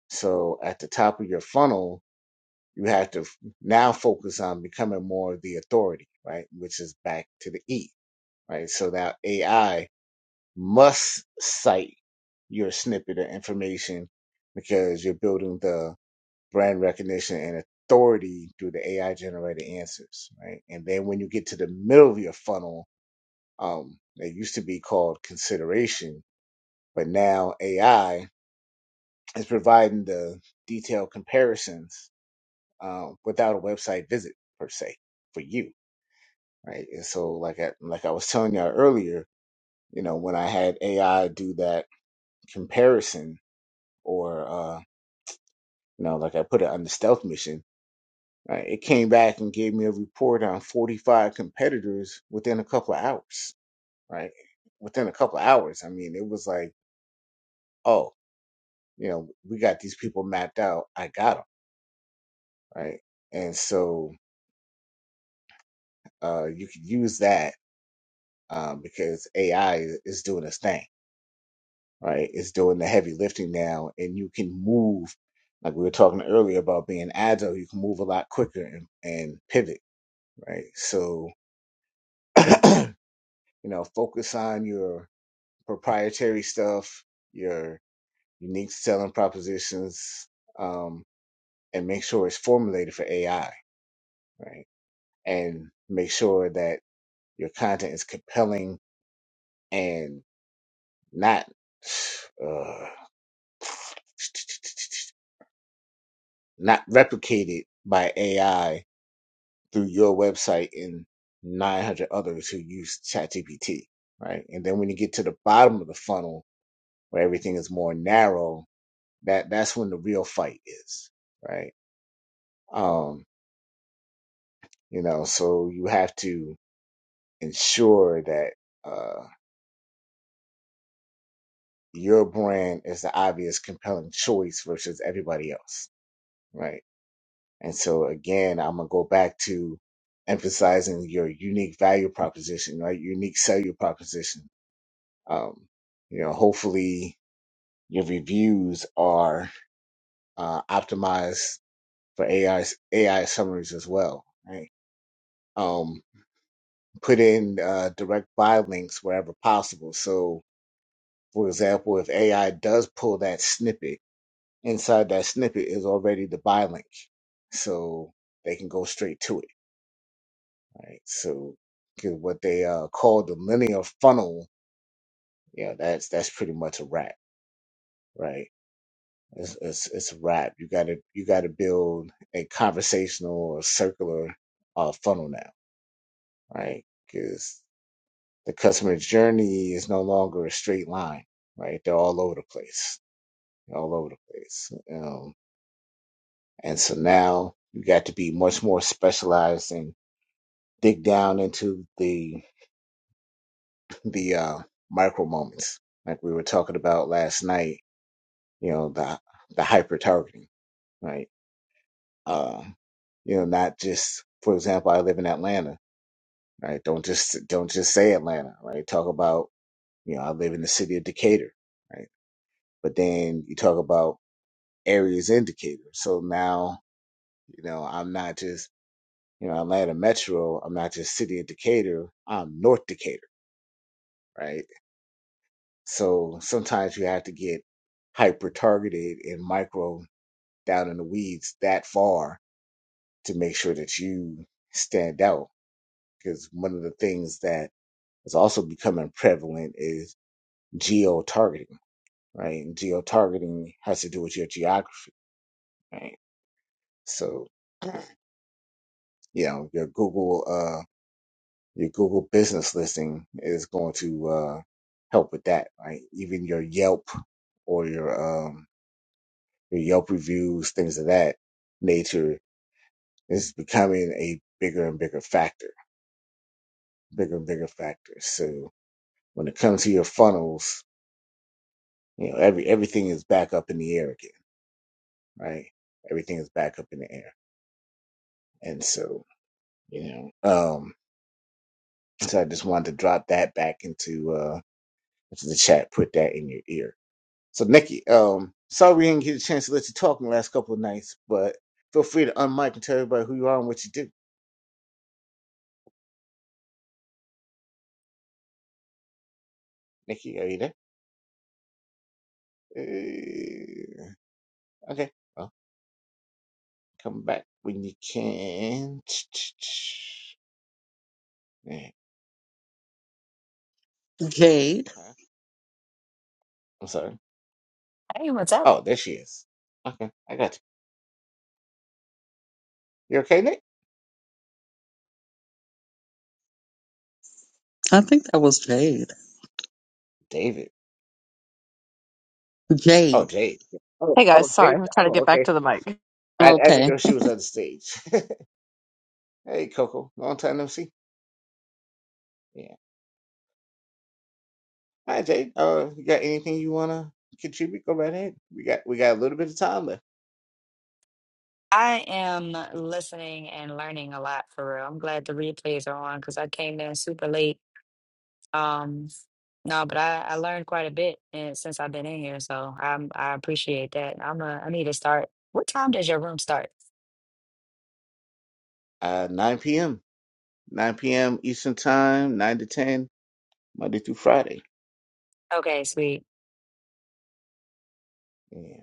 Speaker 1: So at the top of your funnel, you have to f- now focus on becoming more the authority, right? Which is back to the E, right? So now AI must cite your snippet of information because you're building the brand recognition and authority through the AI generated answers, right? And then when you get to the middle of your funnel, um, that used to be called consideration, but now AI is providing the detailed comparisons uh, without a website visit per se for you, right? And so, like I, like I was telling y'all earlier, you know, when I had AI do that comparison, or uh, you know, like I put it on the stealth mission, right? It came back and gave me a report on 45 competitors within a couple of hours, right? Within a couple of hours, I mean, it was like. oh. you know, we got these people mapped out. I got them right, and so uh, you can use that um, because AI is is doing its thing, right? It's doing the heavy lifting now, and you can move like we were talking earlier about being agile. You can move a lot quicker and, and pivot, right? So you know, focus on your proprietary stuff, your unique selling propositions, um, and make sure it's formulated for AI, right? And make sure that Your content is compelling and not uh, not replicated by AI through your website and 900 others who use ChatGPT, right? And then when you get to the bottom of the funnel where everything is more narrow, that that's when the real fight is, right? Um, you know, so you have to ensure that uh, your brand is the obvious, compelling choice versus everybody else, right? And so again, I'm gonna go back to emphasizing your unique value proposition, right? Unique selling proposition. Um, you know, hopefully your reviews are uh, optimized for AI AI summaries as well, right? Um, put in uh, direct buy links wherever possible. So, for example, if AI does pull that snippet, inside that snippet is already the buy link, so they can go straight to it right? So 'cause what they uh, call the linear funnel, yeah, that's that's pretty much a wrap, right? It's it's, it's a wrap. You gotta you gotta build a conversational or circular uh, funnel now, right? Because the customer journey is no longer a straight line, right? They're all over the place, They're all over the place, um, and so now you got to be much more specialized and dig down into the the uh, micro moments, like we were talking about last night. You know, the the hyper targeting, right? Uh, you know, not just, for example, I live in Atlanta, right? Don't just don't just say Atlanta, right? Talk about, you know, I live in the city of Decatur, right? But then you talk about areas in Decatur. So now, you know, I'm not just, you know, Atlanta Metro. I'm not just city of Decatur. I'm North Decatur, right? So sometimes you have to get hyper targeted and micro down in the weeds that far to make sure that you stand out. Because one of the things that is also becoming prevalent is geo targeting, right? And geo targeting has to do with your geography, right? So, you know, your Google, uh, your Google business listing is going to, uh, help with that, right? Even your Yelp or your, um, your Yelp reviews, things of that nature is becoming a bigger and bigger factor, bigger and bigger factor. So when it comes to your funnels, you know, every, everything is back up in the air again, right? Everything is back up in the air. And so, you know, um, so I just wanted to drop that back into, uh, into the chat, put that in your ear. So Nikki, um, sorry we didn't get a chance to let you talk in the last couple of nights, but feel free to unmic and tell everybody who you are and what you do. Nikki, are you there? Okay. Well, come back when you can. Yeah,
Speaker 2: Jade.
Speaker 1: huh? I'm sorry.
Speaker 3: Hey, what's up?
Speaker 1: Oh, there she is. Okay, I got you. You okay, Nick?
Speaker 2: I think that was Jade.
Speaker 1: David. Oh,
Speaker 2: Jade.
Speaker 1: Jade. Oh,
Speaker 4: Hey guys,
Speaker 1: oh,
Speaker 4: sorry,
Speaker 1: Jade.
Speaker 4: I'm trying to
Speaker 1: Oh,
Speaker 4: get back
Speaker 1: okay.
Speaker 4: to the mic.
Speaker 1: I, I didn't
Speaker 2: Okay.
Speaker 1: know she was on the stage. hey, Coco. Long time no see. Yeah. Hi, Jade. Uh, you got anything you wanna contribute? Go right ahead. We got we got a little bit of time left.
Speaker 3: I am listening and learning a lot for real. I'm glad the replays are on because I came in super late. Um, no, but I, I learned quite a bit eh, since I've been in here, so I'm I appreciate that. I'm a, I need to start. What time does your room start?
Speaker 1: Uh, 9 p.m. 9 p.m. Eastern Time, 9 to 10, Monday through Friday.
Speaker 3: Okay, sweet.
Speaker 1: Yeah.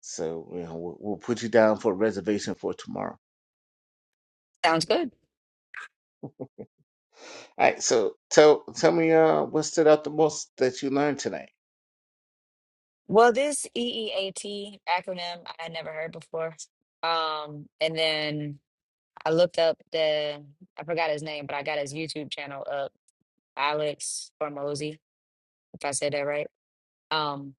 Speaker 1: So you know, we'll, we'll put you down for a reservation for tomorrow.
Speaker 3: Sounds good.
Speaker 1: All right. So tell tell me uh, what stood out the most that you learned today.
Speaker 3: Well, this EEAT acronym I had never heard before. Um, and then I looked up the I forgot his name, but I got his YouTube channel up, Alex Formosi, if I said that right. um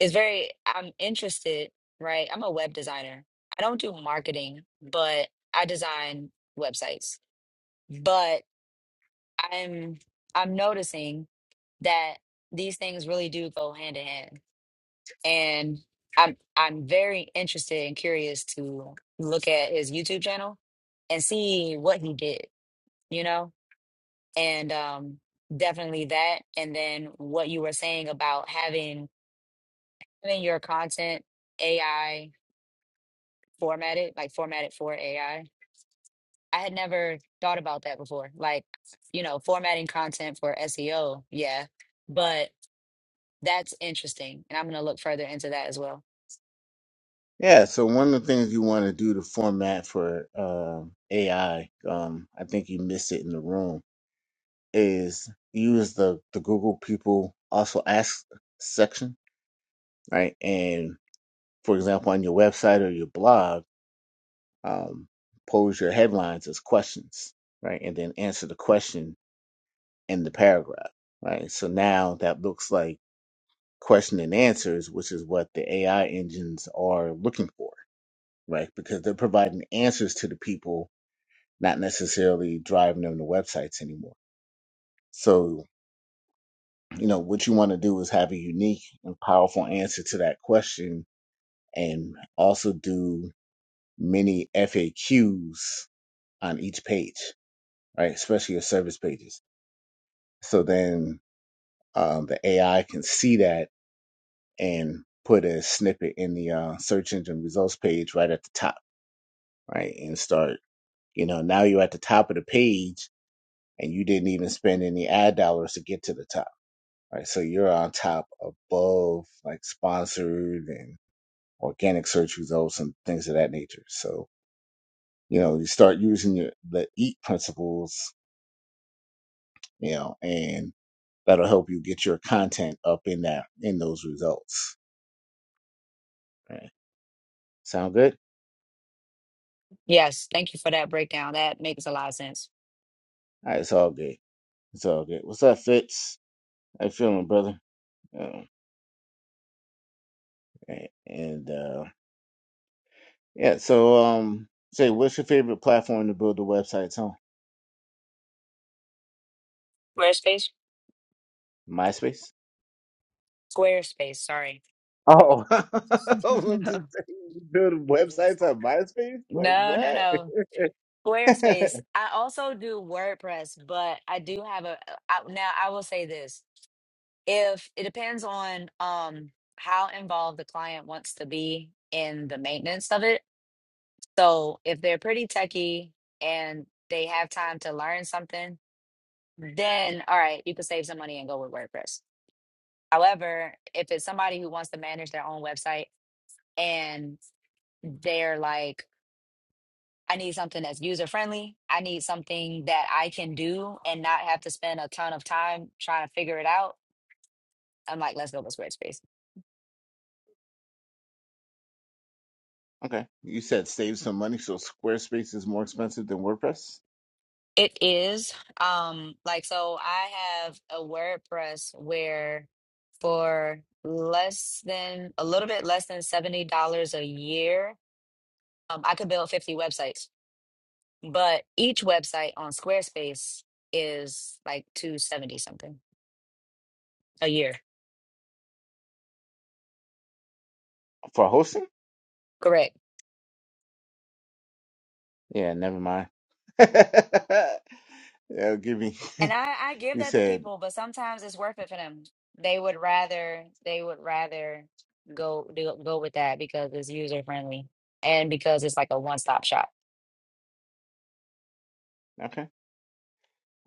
Speaker 3: is very i'm interested right i'm a web designer i don't do marketing but i design websites but i'm i'm noticing that these things really do go hand in hand and i'm i'm very interested and curious to look at his youtube channel and see what he did you know and um definitely that and then what you were saying about having having your content ai formatted, like formatted for AI. I I had never thought about that before. Like, you know, formatting content for SEO, yeah. But that's interesting. And I'm going to look further into that as well.
Speaker 1: Yeah. So one of the things you want to do to format for um AI, um, I think you missed it in the room, is use the the Google people also ask section, right? And for example, on your website or your blog, um, pose your headlines as questions, right? And then answer the question in the paragraph, right? So now that looks like question and answers, which is what the AI engines are looking for, right? Because they're providing answers to the people, not necessarily driving them to websites anymore. So, you know, what you want to do is have a unique and powerful answer to that question and also do many FAQs on each page, right? Especially your service pages. So then um, the AI can see that and put a snippet in the uh, search engine results page right at the top, right? And start, you know, now you're at the top of the page and you didn't even spend any ad dollars to get to the top, right? So you're on top above like sponsored and organic search results and things of that nature. So, you know, you start using your, the EAT principles, you know, and that'll help you get your content up in that, in those results. Right. Sound good?
Speaker 3: Yes, thank you for that breakdown. That makes a lot of sense.
Speaker 1: All right. It's all good. It's all good. What's up, Fitz? I feel him, brother. Um, and uh, yeah, so um, say, what's your favorite platform to build the websites on?
Speaker 3: Squarespace?
Speaker 1: MySpace.
Speaker 3: Squarespace, sorry.
Speaker 1: Oh,
Speaker 3: no,
Speaker 1: build websites on MySpace? Like
Speaker 3: no,
Speaker 1: what?
Speaker 3: no. Squarespace. I also do WordPress, but I do have a I, now I will say this. if it depends on um how involved the client wants to be in the maintenance of it. So if they're pretty techy and they have time to learn something, then all right, you can save some money and go with WordPress. However, if it's somebody who wants to manage their own website and they're like, I need something that's user friendly. I need something that I can do and not have to spend a ton of time trying to figure it out. I'm like, let's go with Squarespace
Speaker 1: okay, you said save some money, so Squarespace is more expensive than WordPress
Speaker 3: It is. Um, like so I have a WordPress where for less than a little bit less than $70 a year, um, I could build 50 websites, but each website on Squarespace is like 270 something a year.
Speaker 1: for hosting?
Speaker 3: Correct.
Speaker 1: Yeah, never mind. That'll give me.
Speaker 3: And I, I give
Speaker 1: You
Speaker 3: that to
Speaker 1: said
Speaker 3: people, but sometimes it's worth it for them. They would rather they would rather go do, go with that because it's user friendly and because it's like a one-stop shop.
Speaker 1: okay.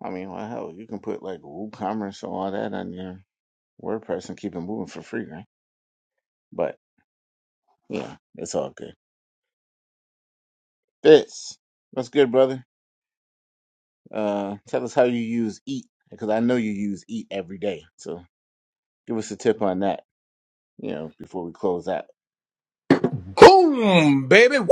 Speaker 1: I mean, well, hell, you can put like WooCommerce and all that on your WordPress and keep it moving for free, right? But Yeah, it's all good. Fitz, what's good, brother? Uh, tell us how you use eat because I know you use eat every day. So give us a tip on that. You know, before we close out.
Speaker 5: Boom, baby. Woo!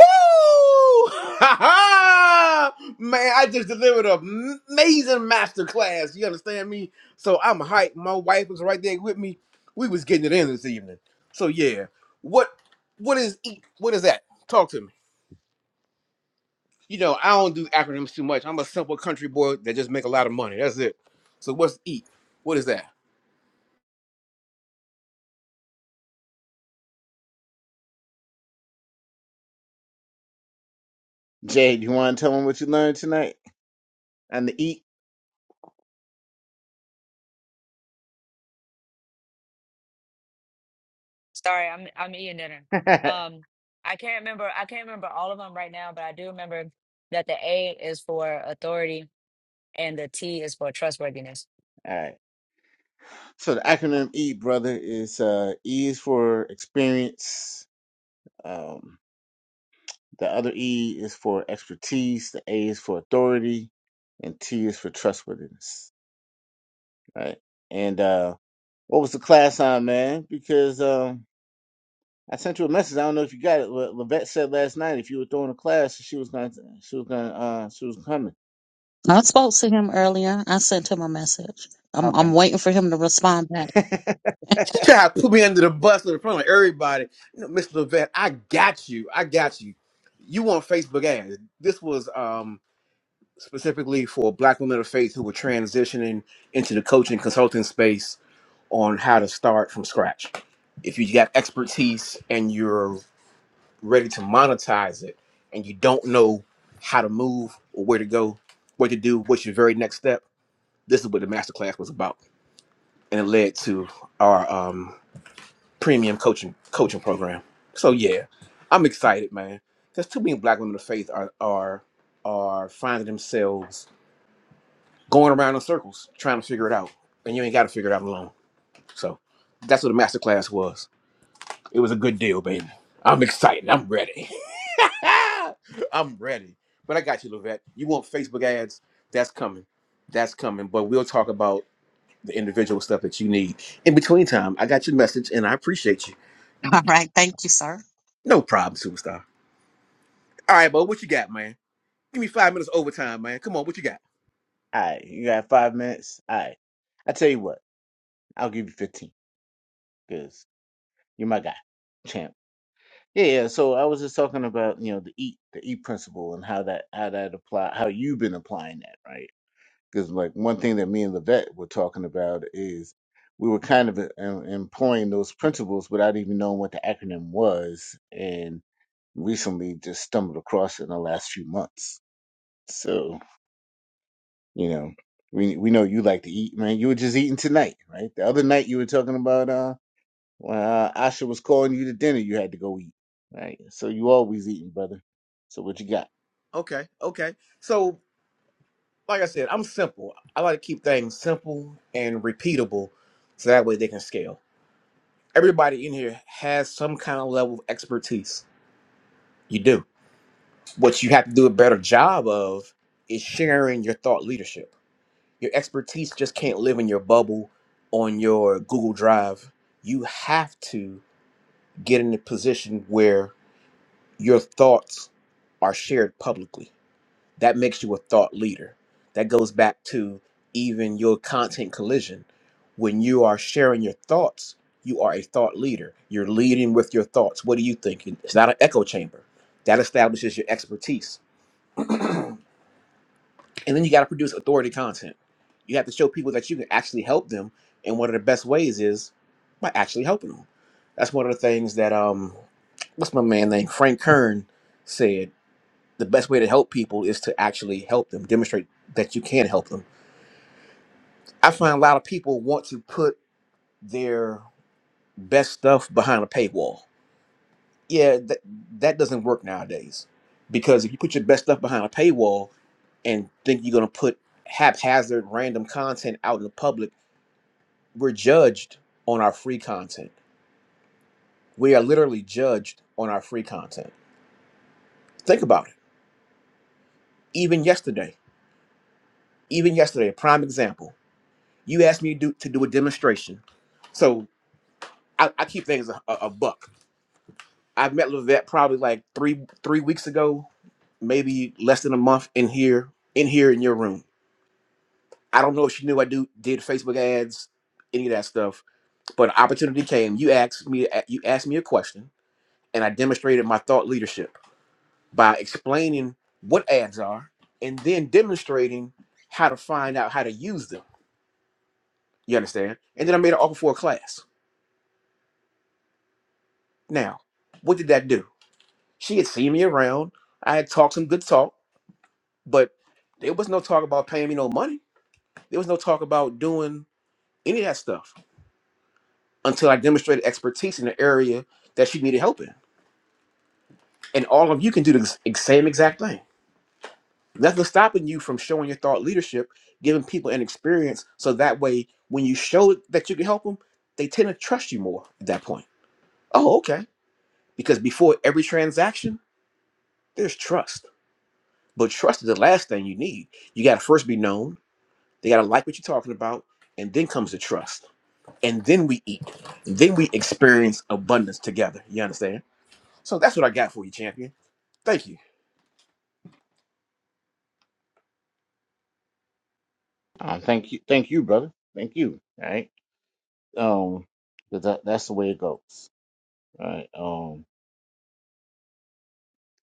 Speaker 5: Man, I just delivered an amazing master class. You understand me? So I'm hyped. My wife was right there with me. We was getting it in this evening. So yeah. What what is E- what is that? Talk to me. You know, I don't do acronyms too much. I'm a simple country boy that just make a lot of money. That's it. So what's eat? What is that?
Speaker 1: Jay, do you want to tell them what you learned tonight on the eat?
Speaker 3: Sorry, I'm I'm eating dinner.
Speaker 1: all
Speaker 3: Um, I can't remember. I can't remember all of them right now, but I do remember that the A is for authority and the T is for trustworthiness.
Speaker 1: right. So the acronym eat, brother, is uh, E is for experience. Um, the other E is for expertise. The A is for authority, and T is for trustworthiness. Right. And uh, what was the class on, man? Because um, I sent you a message. I don't know if you got it. but Levette said last night if you were throwing a class, she was gonna, she was gonna, uh, she was coming.
Speaker 2: I spoke to him earlier. I sent him a message. I'm I'm waiting for him to respond back.
Speaker 5: She tried to put me under the bus in front of everybody. You know, Mr. Levette, I got you. I got you. You want Facebook ads. This was um, specifically for black women of faith who were transitioning into the coaching consulting space on how to start from scratch. If you got expertise and you're ready to monetize it and you don't know how to move or where to go, what to do, what's your very next step, this is what the masterclass was about. And it led to our um, premium coaching coaching program. So yeah, I'm excited, man. Because too many black women of faith are are are finding themselves going around in circles trying to figure it out, and you ain't got to figure it out alone. So that's what the masterclass was. It was a good deal, baby. I'm excited. I'm ready. I'm ready. But I got you, Levette. You want Facebook ads? That's coming. That's coming. But we'll talk about the individual stuff that you need in between time. I got your message, and I appreciate you.
Speaker 2: All right. Thank you, sir.
Speaker 5: No problem, superstar. All right, bro, what you got, man? Give me five minutes overtime, man. Come on, what you got?
Speaker 1: All right, you got five minutes. All right, I tell you what, I'll give you fifteen because you're my guy, champ. Yeah, yeah. So I was just talking about you know the eat, the eat principle, and how that, how that apply, how you've been applying that, right? Because like one thing that me and Levette were talking about is we were kind of uh, em- employing those principles without even knowing what the acronym was, recently just stumbled across in the last few months. So, you know, we we know you like to eat, man. You were just eating tonight, right? The other night you were talking about uh when uh, Asha was calling you to dinner, you had to go eat, right? So you always eating, brother. So what you got?
Speaker 5: Okay, okay. So, like I said, I'm simple. I like to keep things simple and repeatable so that way they can scale. Everybody in here has some kind of level of expertise. You do. What you have to do a better job of is sharing your thought leadership. Your expertise just can't live in your bubble on your Google Drive. You have to get in a position where your thoughts are shared publicly that makes you a thought leader. That goes back to even your content collision. When you are sharing your thoughts, you are a thought leader. You're leading with your thoughts. What do you think? It's not an echo chamber. That establishes your expertise. And then you got to produce authority content. You have to show people that you can actually help them. And one of the best ways is by actually helping them. That's one of the things that um what's my man name? Frank Kern said the best way to help people is to actually help them, demonstrate that you can help them I find a lot of people want to put their best stuff behind a paywall. Yeah, that that doesn't work nowadays because if you put your best stuff behind a paywall and think you're going to put haphazard random content out in the public, we're judged on our free content. We are literally judged on our free content. Think about it. Even yesterday, even yesterday, a prime example. You asked me to do to do a demonstration, so I, I keep things a, a a buck. I've met Levette probably like three three weeks ago, maybe less than a month in here, in here in your room. I don't know if she knew I do did Facebook ads, any of that stuff, but an opportunity came. You asked me you asked me a question, and I demonstrated my thought leadership by explaining what ads are and then demonstrating how to find out how to use them. You understand? And then I made an offer for a class. Now, what did that do? She had seen me around. I had talked some good talk But there was no talk about paying me no money. There was no talk about doing any of that stuff until I demonstrated expertise in the area that she needed help in. And all of you can do the ex- ex- same exact thing. Nothing's stopping you from showing your thought leadership, giving people an experience, so that way when you show that you can help them, they tend to trust you more at that point. Oh, okay. Because before every transaction, there's trust. But trust is the last thing you need. You got to first be known. They got to like what you're talking about, and then comes the trust and then we eat. Then we experience abundance together. You understand? So that's what I got for you, champion. Thank you.
Speaker 1: Um, thank you, thank you, brother. Thank you. All right. Um, 'cause that that's the way it goes. All right. Um,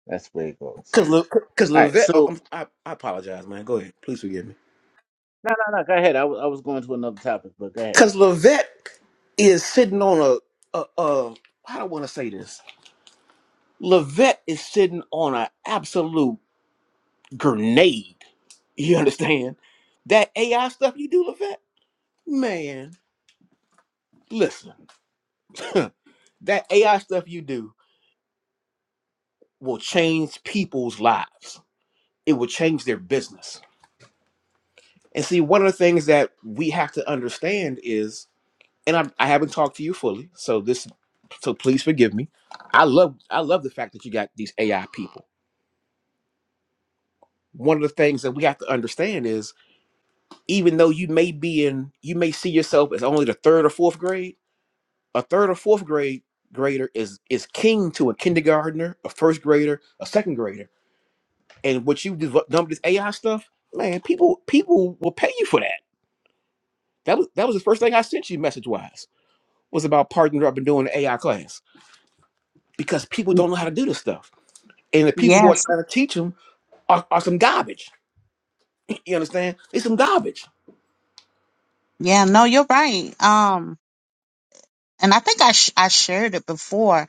Speaker 1: that's the way it goes.
Speaker 5: Cause, Liv- cause
Speaker 1: All right.
Speaker 5: Livette, oh,
Speaker 1: So
Speaker 5: I'm, I, I apologize, man. Go ahead, please forgive me.
Speaker 1: no, no, no. Go ahead. I was I was going to another topic, but go ahead.
Speaker 5: Cause Livette is sitting on a, a, a how do I want to say this? Livette is sitting on an absolute grenade. You understand? That AI stuff you do, Livette, man. Listen, that AI stuff you do will change people's lives. it will change their business. And see, one of the things that we have to understand is, and I, I haven't talked to you fully, so this, so please forgive me. I love, I love the fact that you got these AI people. One of the things that we have to understand is, even though you may be in, you may see yourself as only the third or fourth grade, a third or fourth grade grader is is king to a kindergartner, a first grader, a second grader. And what you develop done with this AI stuff, man, people people will pay you for that That was that was the first thing I sent you message wise was about partnering up and doing the AI class because people don't know how to do this stuff, and the people who are
Speaker 2: Yes.
Speaker 5: trying to teach them are, are some garbage. You understand? It's some garbage.
Speaker 2: Yeah. No, you're right. Um, and I think I sh- I shared it before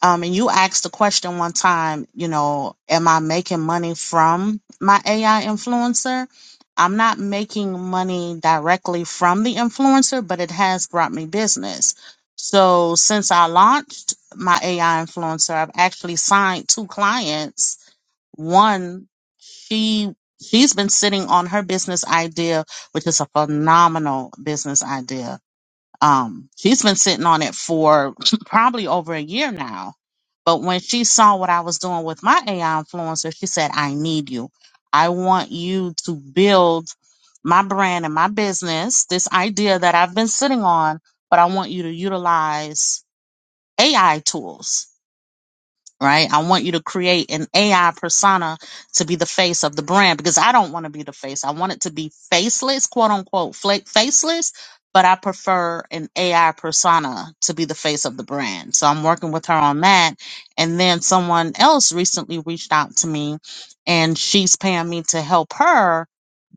Speaker 2: Um, and you asked the question one time, you know, am I making money from my AI influencer? I'm not making money directly from the influencer, but it has brought me business. So since I launched my AI influencer, I've actually signed two clients. One, she she's been sitting on her business idea, which is a phenomenal business idea um, she's been sitting on it for probably over a year now. But when she saw what I was doing with my AI influencer, she said, I need you. I want you to build my brand and my business, this idea that I've been sitting on, but I want you to utilize AI tools right? I want you to create an AI persona to be the face of the brand because I don't want to be the face. I want it to be faceless, quote unquote, fla- faceless, but I prefer an AI persona to be the face of the brand. So I'm working with her on that. And then someone else recently reached out to me and she's paying me to help her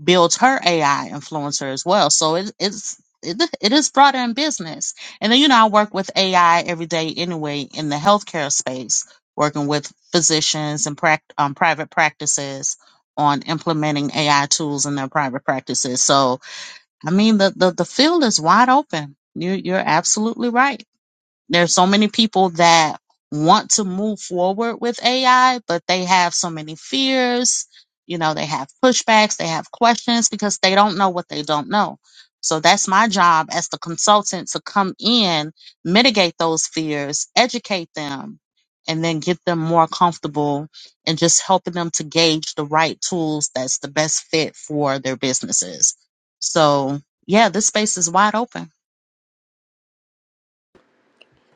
Speaker 2: builds her AI influencer as well. So it, it's it, it is broader in business. And then you know I work with AI every day anyway in the healthcare space, working with physicians and prac um, private practices on implementing AI tools in their private practices. So I mean the the, the field is wide open. You you're absolutely right. There's so many people that want to move forward with AI, but they have so many fears. You know, they have pushbacks, they have questions because they don't know what they don't know. So that's my job as the consultant to come in, mitigate those fears, educate them, and then get them more comfortable and just helping them to gauge the right tools that's the best fit for their businesses. So, yeah, this space is wide open.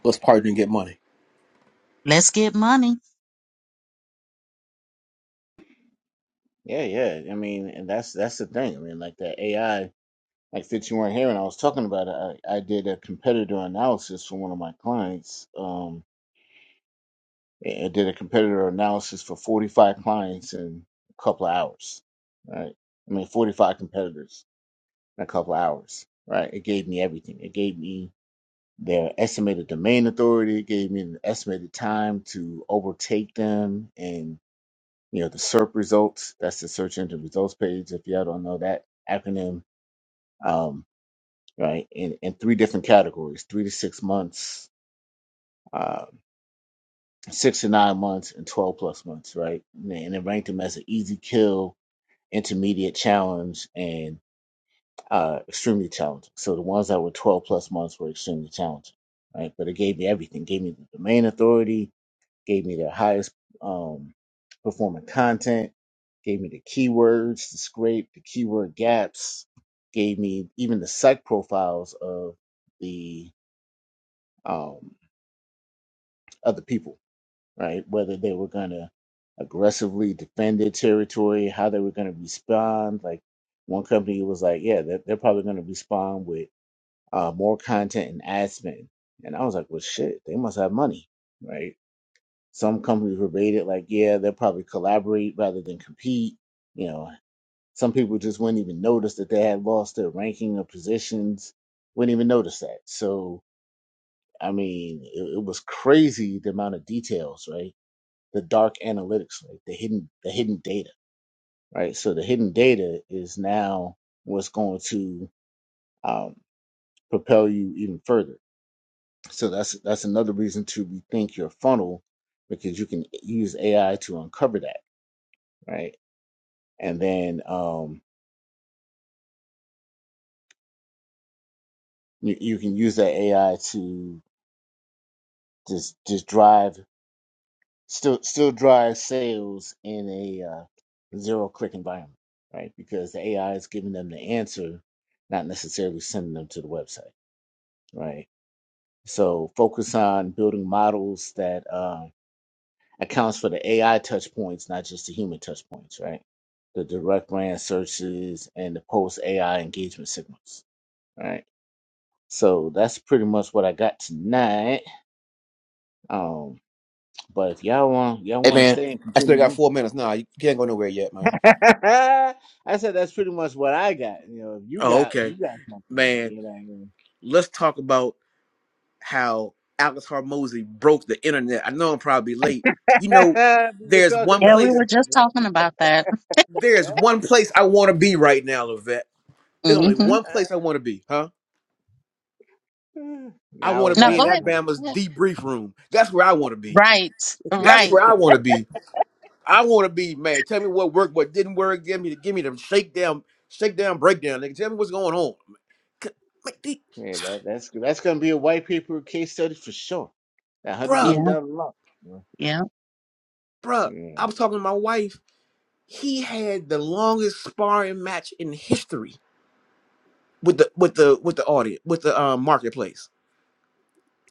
Speaker 5: Let's partner and get money.
Speaker 2: Let's get money.
Speaker 1: Yeah, yeah. I mean, and that's that's the thing. I mean, like that AI, like since you weren't here and I was talking about it, I, I did a competitor analysis for one of my clients. Um, I I did a competitor analysis for 45 clients in a couple of hours, right? I mean, 45 competitors in a couple of hours, right? It gave me everything. It gave me their estimated domain authority. It gave me the estimated time to overtake them and. you know, the SERP results. That's the search engine results page. If y'all don't know that acronym, um, right, in, in three different categories, three to six months, uh, six to nine months, and 12 plus months, right? And then- and it ranked them as an easy kill, intermediate challenge, and uh, extremely challenging. So the ones that were 12 plus months were extremely challenging, right? But it gave me everything. It gave me the domain authority, gave me the highest um, performing content, gave me the keywords to scrape, the keyword gaps, gave me even the psych profiles of the um, other people, right? Whether they were going to aggressively defend their territory, how they were going to respond. Like one company was like, yeah, they're, they're probably going to respond with uh, more content and ad spend. And I was like, well, shit, they must have money, right? Some companies were rated like, yeah, they'll probably collaborate rather than compete. You know, some people just wouldn't even notice that they had lost their ranking or positions, wouldn't even notice that. So, I mean, it, it was crazy the amount of details, right? The dark analytics, right? The hidden, the hidden data, right? So the hidden data is now what's going to um, propel you even further. So that's that's another reason to rethink your funnel because you can use AI to uncover that, right? and then um, you, you can use that AI to just just drive still still drive sales in a uh, zero click environment, right? Because the AI is giving them the answer, not necessarily sending them to the website, right? So focus on building models that uh, accounts for the AI touch points, not just the human touch points, right? The direct brand searches and the post AI engagement signals, right? So that's pretty much what I got tonight. Um, but if y'all want y'all
Speaker 5: Hey
Speaker 1: want to
Speaker 5: man,
Speaker 1: stay and
Speaker 5: I still
Speaker 1: continue to
Speaker 5: got four minutes. Nah, you can't go nowhere yet, man.
Speaker 1: I said that's pretty much what I got. You know, if you
Speaker 5: Oh,
Speaker 1: got you
Speaker 5: okay.
Speaker 1: got something,
Speaker 5: Man,
Speaker 1: you know what
Speaker 5: let's talk about how Alex Harmozy broke the internet. I know I'm probably late. You know,
Speaker 1: I mean? we were
Speaker 5: there's
Speaker 1: talking
Speaker 5: one
Speaker 2: Yeah,
Speaker 1: about
Speaker 2: we
Speaker 5: place
Speaker 2: were
Speaker 1: that.
Speaker 2: just talking about that.
Speaker 5: there's one place I wanna be right now, Levette. There's only
Speaker 2: hmm
Speaker 5: one place I wanna be, huh?
Speaker 1: I
Speaker 5: I
Speaker 1: Nah, I
Speaker 5: want
Speaker 1: was
Speaker 5: to
Speaker 2: Now
Speaker 5: be in
Speaker 2: go
Speaker 1: laughing,
Speaker 2: ahead.
Speaker 5: that
Speaker 1: but
Speaker 5: Bama's
Speaker 2: go ahead.
Speaker 5: debrief room. That's where I want to be.
Speaker 2: Right,
Speaker 5: That's
Speaker 2: right.
Speaker 5: where I want to be. I want to be, man. Tell me what worked, what didn't work. Give me the give me the shakedown, shakedown, breakdown. Nigga, tell me what's going on. C- man, the-
Speaker 1: yeah, that that's that's gonna be a white paper case study for sure. That hundred
Speaker 5: Bruh,
Speaker 1: million
Speaker 2: Yeah,
Speaker 1: dollar loan.
Speaker 2: yeah,
Speaker 5: bruh.
Speaker 1: Yeah,
Speaker 5: I was talking to my wife. He had the longest sparring match in history with the with the with the audience with the um, marketplace.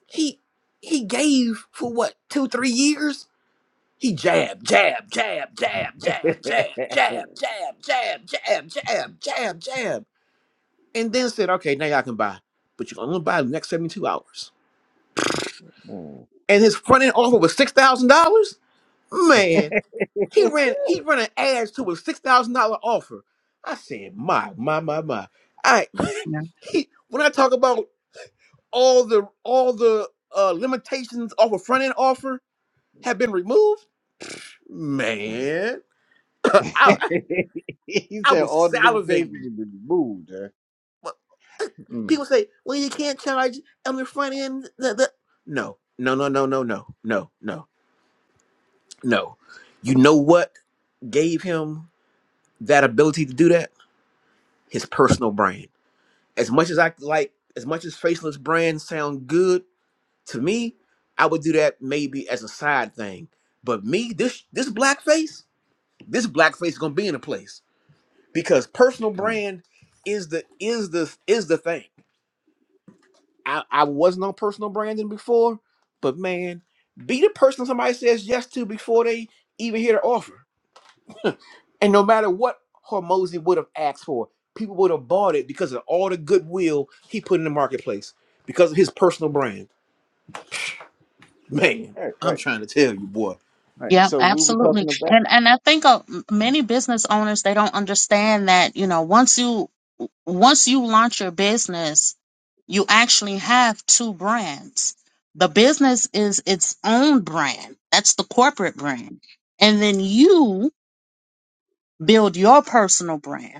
Speaker 5: He he gave for what two three years He jab, jab, jab, jab, jab, jab, jab, jab, jab, jab, jab, jab, jab, and then said, "Okay, now y'all can buy, but you're only buy the next 72 hours."
Speaker 1: yeah.
Speaker 5: And his front end offer was six thousand dollars. Man, he ran he ran an ad to a six thousand dollar offer. I said, "My, my, my, my." I
Speaker 2: yeah,
Speaker 5: he when I talk about all the all the uh, limitations of a front end offer have been removed, man. I,
Speaker 1: he
Speaker 5: I
Speaker 1: said
Speaker 5: was
Speaker 1: all the limitations
Speaker 5: salivating.
Speaker 1: have been removed. Huh?
Speaker 5: Well,
Speaker 1: mm
Speaker 5: people say, well, you can't charge on the front end. The, the. No, no, no, no, no, no, no, no, no. You know what gave him that ability to do that? His personal brand. As much as I like, as much as faceless brands sound good to me, I would do that maybe as a side thing. But me, this this blackface, this blackface is gonna be in a place because personal
Speaker 1: mm.
Speaker 5: brand is the is the is the thing. I, I wasn't on personal branding before, but man, be the person somebody says yes to before they even hear the offer. And no matter what Hormozy would have asked for, people would have bought it because of all the goodwill he put in the marketplace because of his personal brand. Man, I'm trying to tell you, boy.
Speaker 2: yeah. Absolutely. And and I think uh, m- many business owners they don't understand that you know once you once you launch your business, you actually have two brands. The business is its own brand. That's the corporate brand, and then you build your personal brand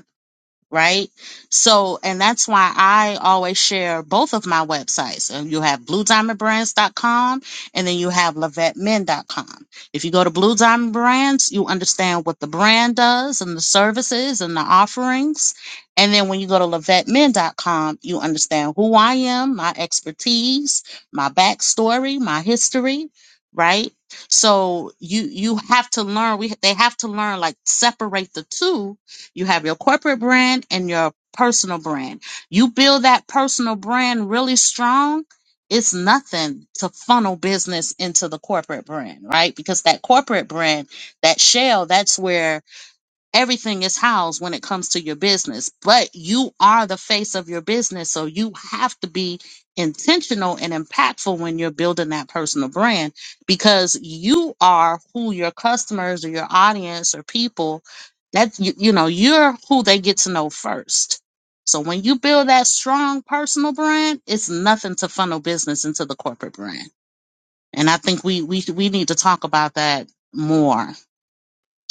Speaker 2: right? So, and that's why I always share both of my websites. Uh, You have bluediamondbrands.com and then you have lavettemen.com. If you go to Blue Diamond Brands, you understand what the brand does and the services and the offerings. And then when you go to lavettemen.com, you understand who I am, my expertise, my backstory, my history, right? So you you have to learn. We they have to learn like separate the two you have your corporate brand and your personal brand. You build that personal brand really strong. It's nothing to funnel business into the corporate brand, right? Because that corporate brand, that shell, that's where everything is housed when it comes to your business, but you are the face of your business. So you have to be intentional and impactful when you're building that personal brand because you are who your customers or your audience or people that you, you know, you're who they get to know first. So when you build that strong personal brand, it's nothing to funnel business into the corporate brand. And I think we we we need to talk about that more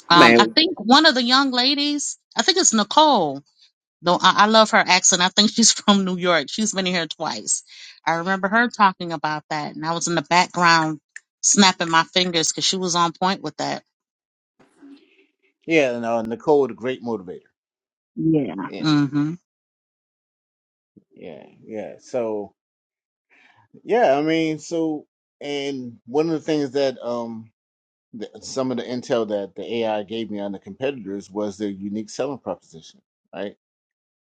Speaker 2: um, I
Speaker 5: Man,
Speaker 2: think one of the young ladies, I think it's Nicole. Though I, I love her accent. I think she's from New York. She's been here twice. I remember her talking about that, and I was in the background snapping my fingers because she was on point with that.
Speaker 1: Yeah, and uh, Nicole, the great motivator.
Speaker 2: Yeah.
Speaker 1: Yeah,
Speaker 2: Mm-hmm.
Speaker 1: yeah, yeah. So. Yeah, I mean, so and one of the things that um th some of the intel that the AI gave me on the competitors was their unique selling proposition, right?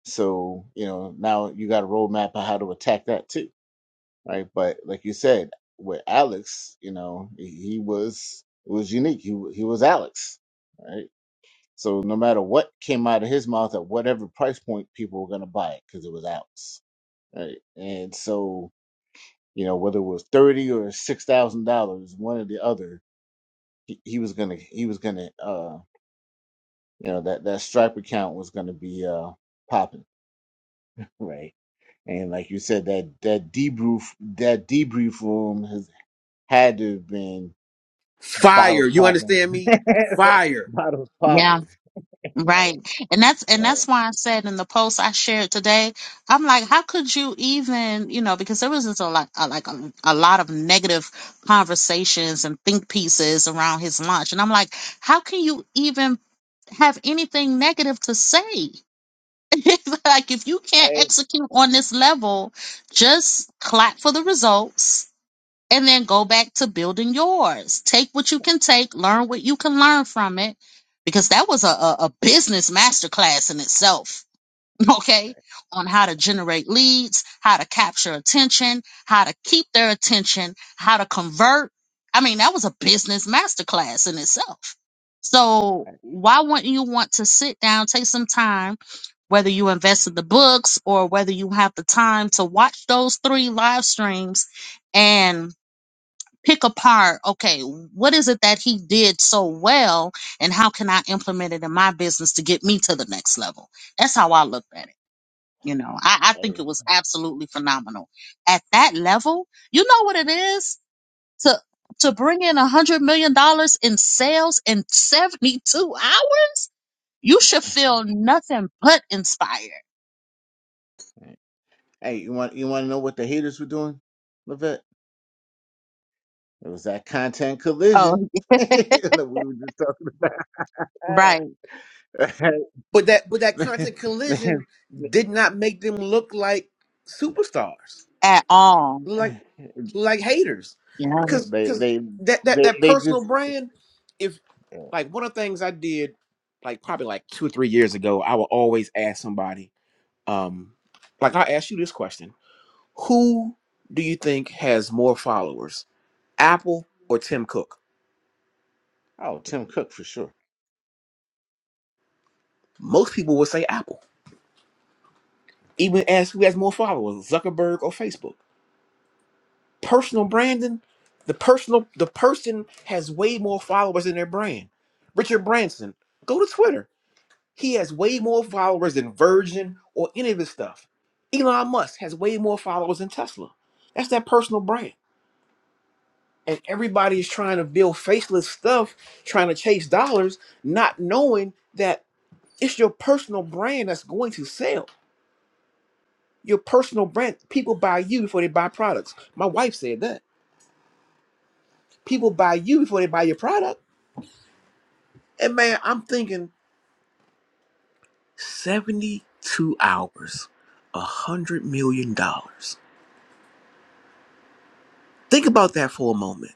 Speaker 1: So, you know, now you got a roadmap on how to attack that too, right? But like you said, with Alex, you know, he he was it was unique. He wa- he was Alex, right? So no matter what came out of his mouth at whatever price point, people were gonna buy it because it was Alex, right? And so you know, whether it was thirty or six thousand dollars, one or the other, he, he was gonna he was gonna uh you know that that stripe account was gonna be uh popping, right? And like you said, that that debrief that debrief room has had to have been bottles
Speaker 5: fire. You
Speaker 1: popping,
Speaker 5: understand me? Fire.
Speaker 1: bottles
Speaker 2: Yeah.
Speaker 1: popping, right?
Speaker 2: Right. And that's and
Speaker 1: Right.
Speaker 2: that's why I said in the post I shared today, I'm like, how could you even, you know, because there was just a lot a, like a, a lot of negative conversations and think pieces around his launch. And I'm like, how can you even have anything negative to say? like if you can't
Speaker 1: Hey,
Speaker 2: execute on this level, just clap for the results and then go back to building yours. Take what you can take, learn what you can learn from it, because that was a, a, a business masterclass in itself. Okay, on how to generate leads, how to capture attention, how to keep their attention, how to convert. I mean, that was a business masterclass in itself. So why wouldn't you want to sit down, take some time, whether you invest in the books or whether you have the time to watch those three live streams and pick apart okay what is it that he did so well and how can i implement it in my business to get me to the next level that's how i looked at it you know i, I
Speaker 1: hey,
Speaker 2: think it was absolutely phenomenal at that level you know what it is to to bring in a hundred million dollars in sales in 72 hours you should feel nothing but inspired
Speaker 1: hey, you want you want to know what the haters were doing, Levette? It was that content collision
Speaker 2: oh
Speaker 1: that we were just talking
Speaker 2: right
Speaker 1: about.
Speaker 5: But that but that
Speaker 1: they,
Speaker 5: content collision
Speaker 1: they,
Speaker 5: did not make them look like superstars.
Speaker 2: at all
Speaker 5: Like, like haters
Speaker 2: yeah
Speaker 5: because
Speaker 1: they,
Speaker 5: because
Speaker 1: they,
Speaker 5: that that
Speaker 1: they
Speaker 5: that
Speaker 1: they
Speaker 5: personal
Speaker 1: just
Speaker 5: brand if like one of the things i did like probably like two or three years ago i would always ask somebody um like i asked you this question who do you think has more followers apple or tim cook
Speaker 1: oh Tim Cook for sure.
Speaker 5: most people would say apple even ask who has more followers zuckerberg or facebook personal branding the personal the person has way more followers in their brand richard branson go to twitter He has way more followers than Virgin or any of his stuff. Elon Musk has way more followers than Tesla. That's that personal brand. And everybody is trying to build faceless stuff, trying to chase dollars, not knowing that it's your personal brand that's going to sell. Your personal brand. People buy you before they buy products. My wife said that. People buy you before they buy your product. And man, I'm thinking 72 hours, $100 million. dollars. Think about that for a moment.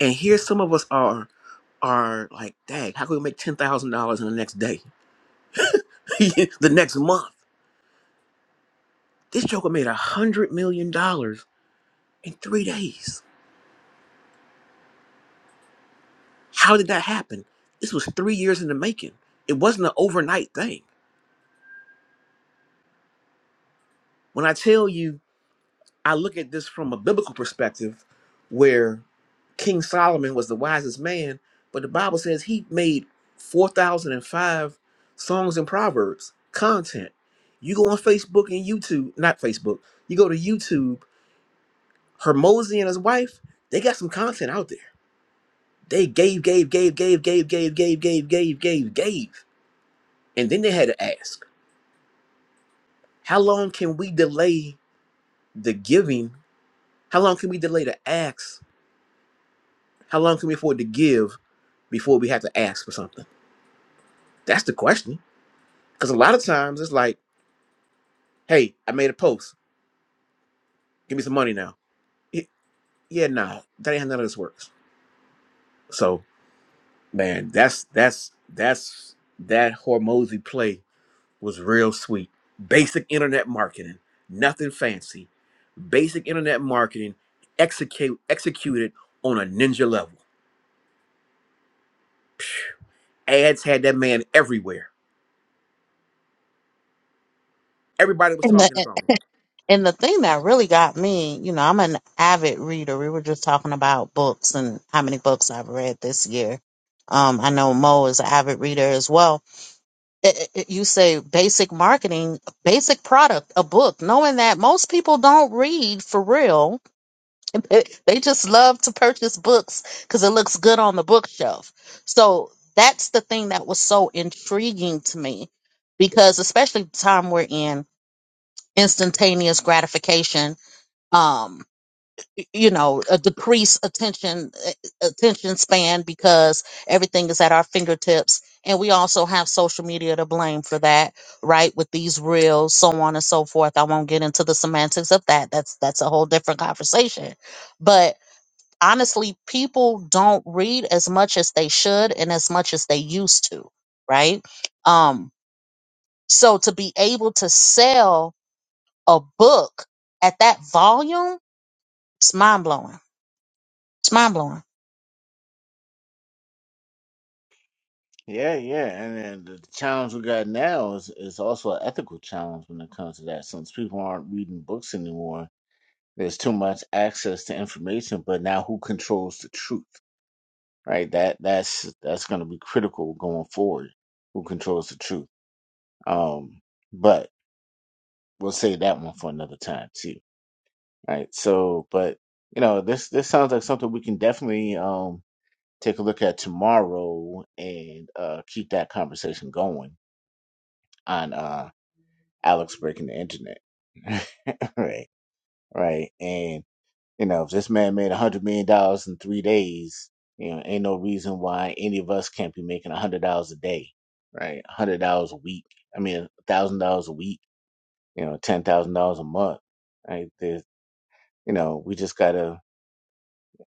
Speaker 5: And here some of us are are like, dang, how can we make ten thousand dollars in the next day? the next month. This joker made a hundred million dollars in three days. How did that happen? This was three years in the making. It wasn't an overnight thing. When I tell you I look at this from a biblical perspective where King Solomon was the wisest man, but the Bible says he made 4,005 songs and proverbs content. You go on Facebook and YouTube, not Facebook, you go to YouTube, Hermosi and his wife, they got some content out there. They gave, gave, gave, gave, gave, gave, gave, gave, gave, gave, gave. And then they had to ask, how long can we delay the giving? How long can we delay the acts? How long can we afford to give before we have to ask for something? That's the question. Because a lot of times it's like, hey, I made a post. Give me some money now. Y- yeah, nah, that ain't how none of this works. So, man, that's that's that's that Hormozy play was real sweet. Basic internet marketing, nothing fancy. Basic internet marketing execute executed on a ninja level. Ads had that man everywhere. Everybody was talking about him.
Speaker 2: And the thing that really got me, you know, I'm an avid reader. We were just talking about books and how many books I've read this year. Um, I know Mo is an avid reader as well. It, it, you say basic marketing, basic product, a book, knowing that most people don't read for real. They just love to purchase books because it looks good on the bookshelf. So that's the thing that was so intriguing to me because, especially the time we're in, instantaneous gratification. Um, y- you know a decreased attention eh, attention span because everything is at our fingertips and we also have social media to blame for that right with these reels so on and so forth i won't get into the semantics of that that's that's a whole different conversation but honestly people don't read as much as they should and as much as they used to right um so to be able to sell a book at that volume it's mind-blowing it's mind-blowing
Speaker 1: Yeah, yeah, and then the challenge we got now is is also an ethical challenge when it comes to that. Since people aren't reading books anymore, there's too much access to information. But now, who controls the truth? Right. That that's that's going to be critical going forward. Who controls the truth? Um, but we'll save that one for another time too. right? So, but you know, this this sounds like something we can definitely um take a look at tomorrow and uh keep that conversation going on uh Alex breaking the internet. right, right. And you know, if this man made a hundred million dollars in three days, you know, ain't no reason why any of us can't be making a hundred dollars a day, right? A hundred dollars a week. I mean, a thousand dollars a week. You know, ten thousand dollars a month. Right? There's, you know, we just gotta.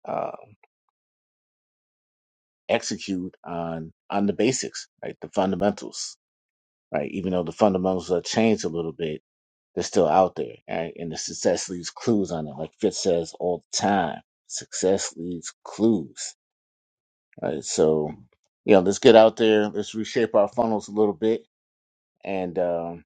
Speaker 1: Uh, execute on on the basics, right? The fundamentals, right? Even though the fundamentals are changed a little bit, they're still out there, right? And the success leaves clues on it, like Fitz says all the time. Success leaves clues, right? So, you know, let's get out there, let's reshape our funnels a little bit, and um,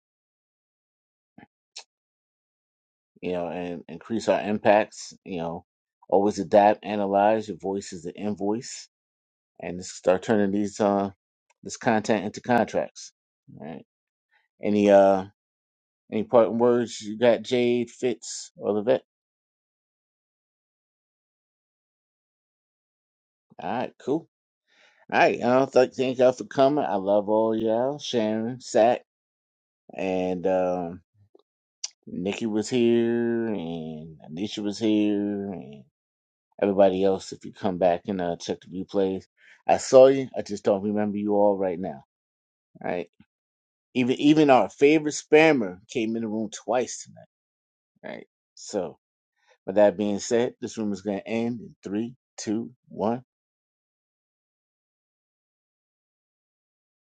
Speaker 1: you know, and increase our impacts. You know, always adapt, analyze. Your voice is the invoice, and let's start turning these uh this content into contracts, right? Any uh Any parting words you got, Jade, Fitz, or the vet? All right, cool. All right, uh, th- thank y'all for coming. I love all y'all. Sharon, Sack, and um, Nikki was here, and Anisha was here, and everybody else. If you come back and uh, check the replays, I saw you. I just don't remember you all right now. All right, even even our favorite spammer came in the room twice tonight. All right, so with that being said, this room is gonna end in three, two, one.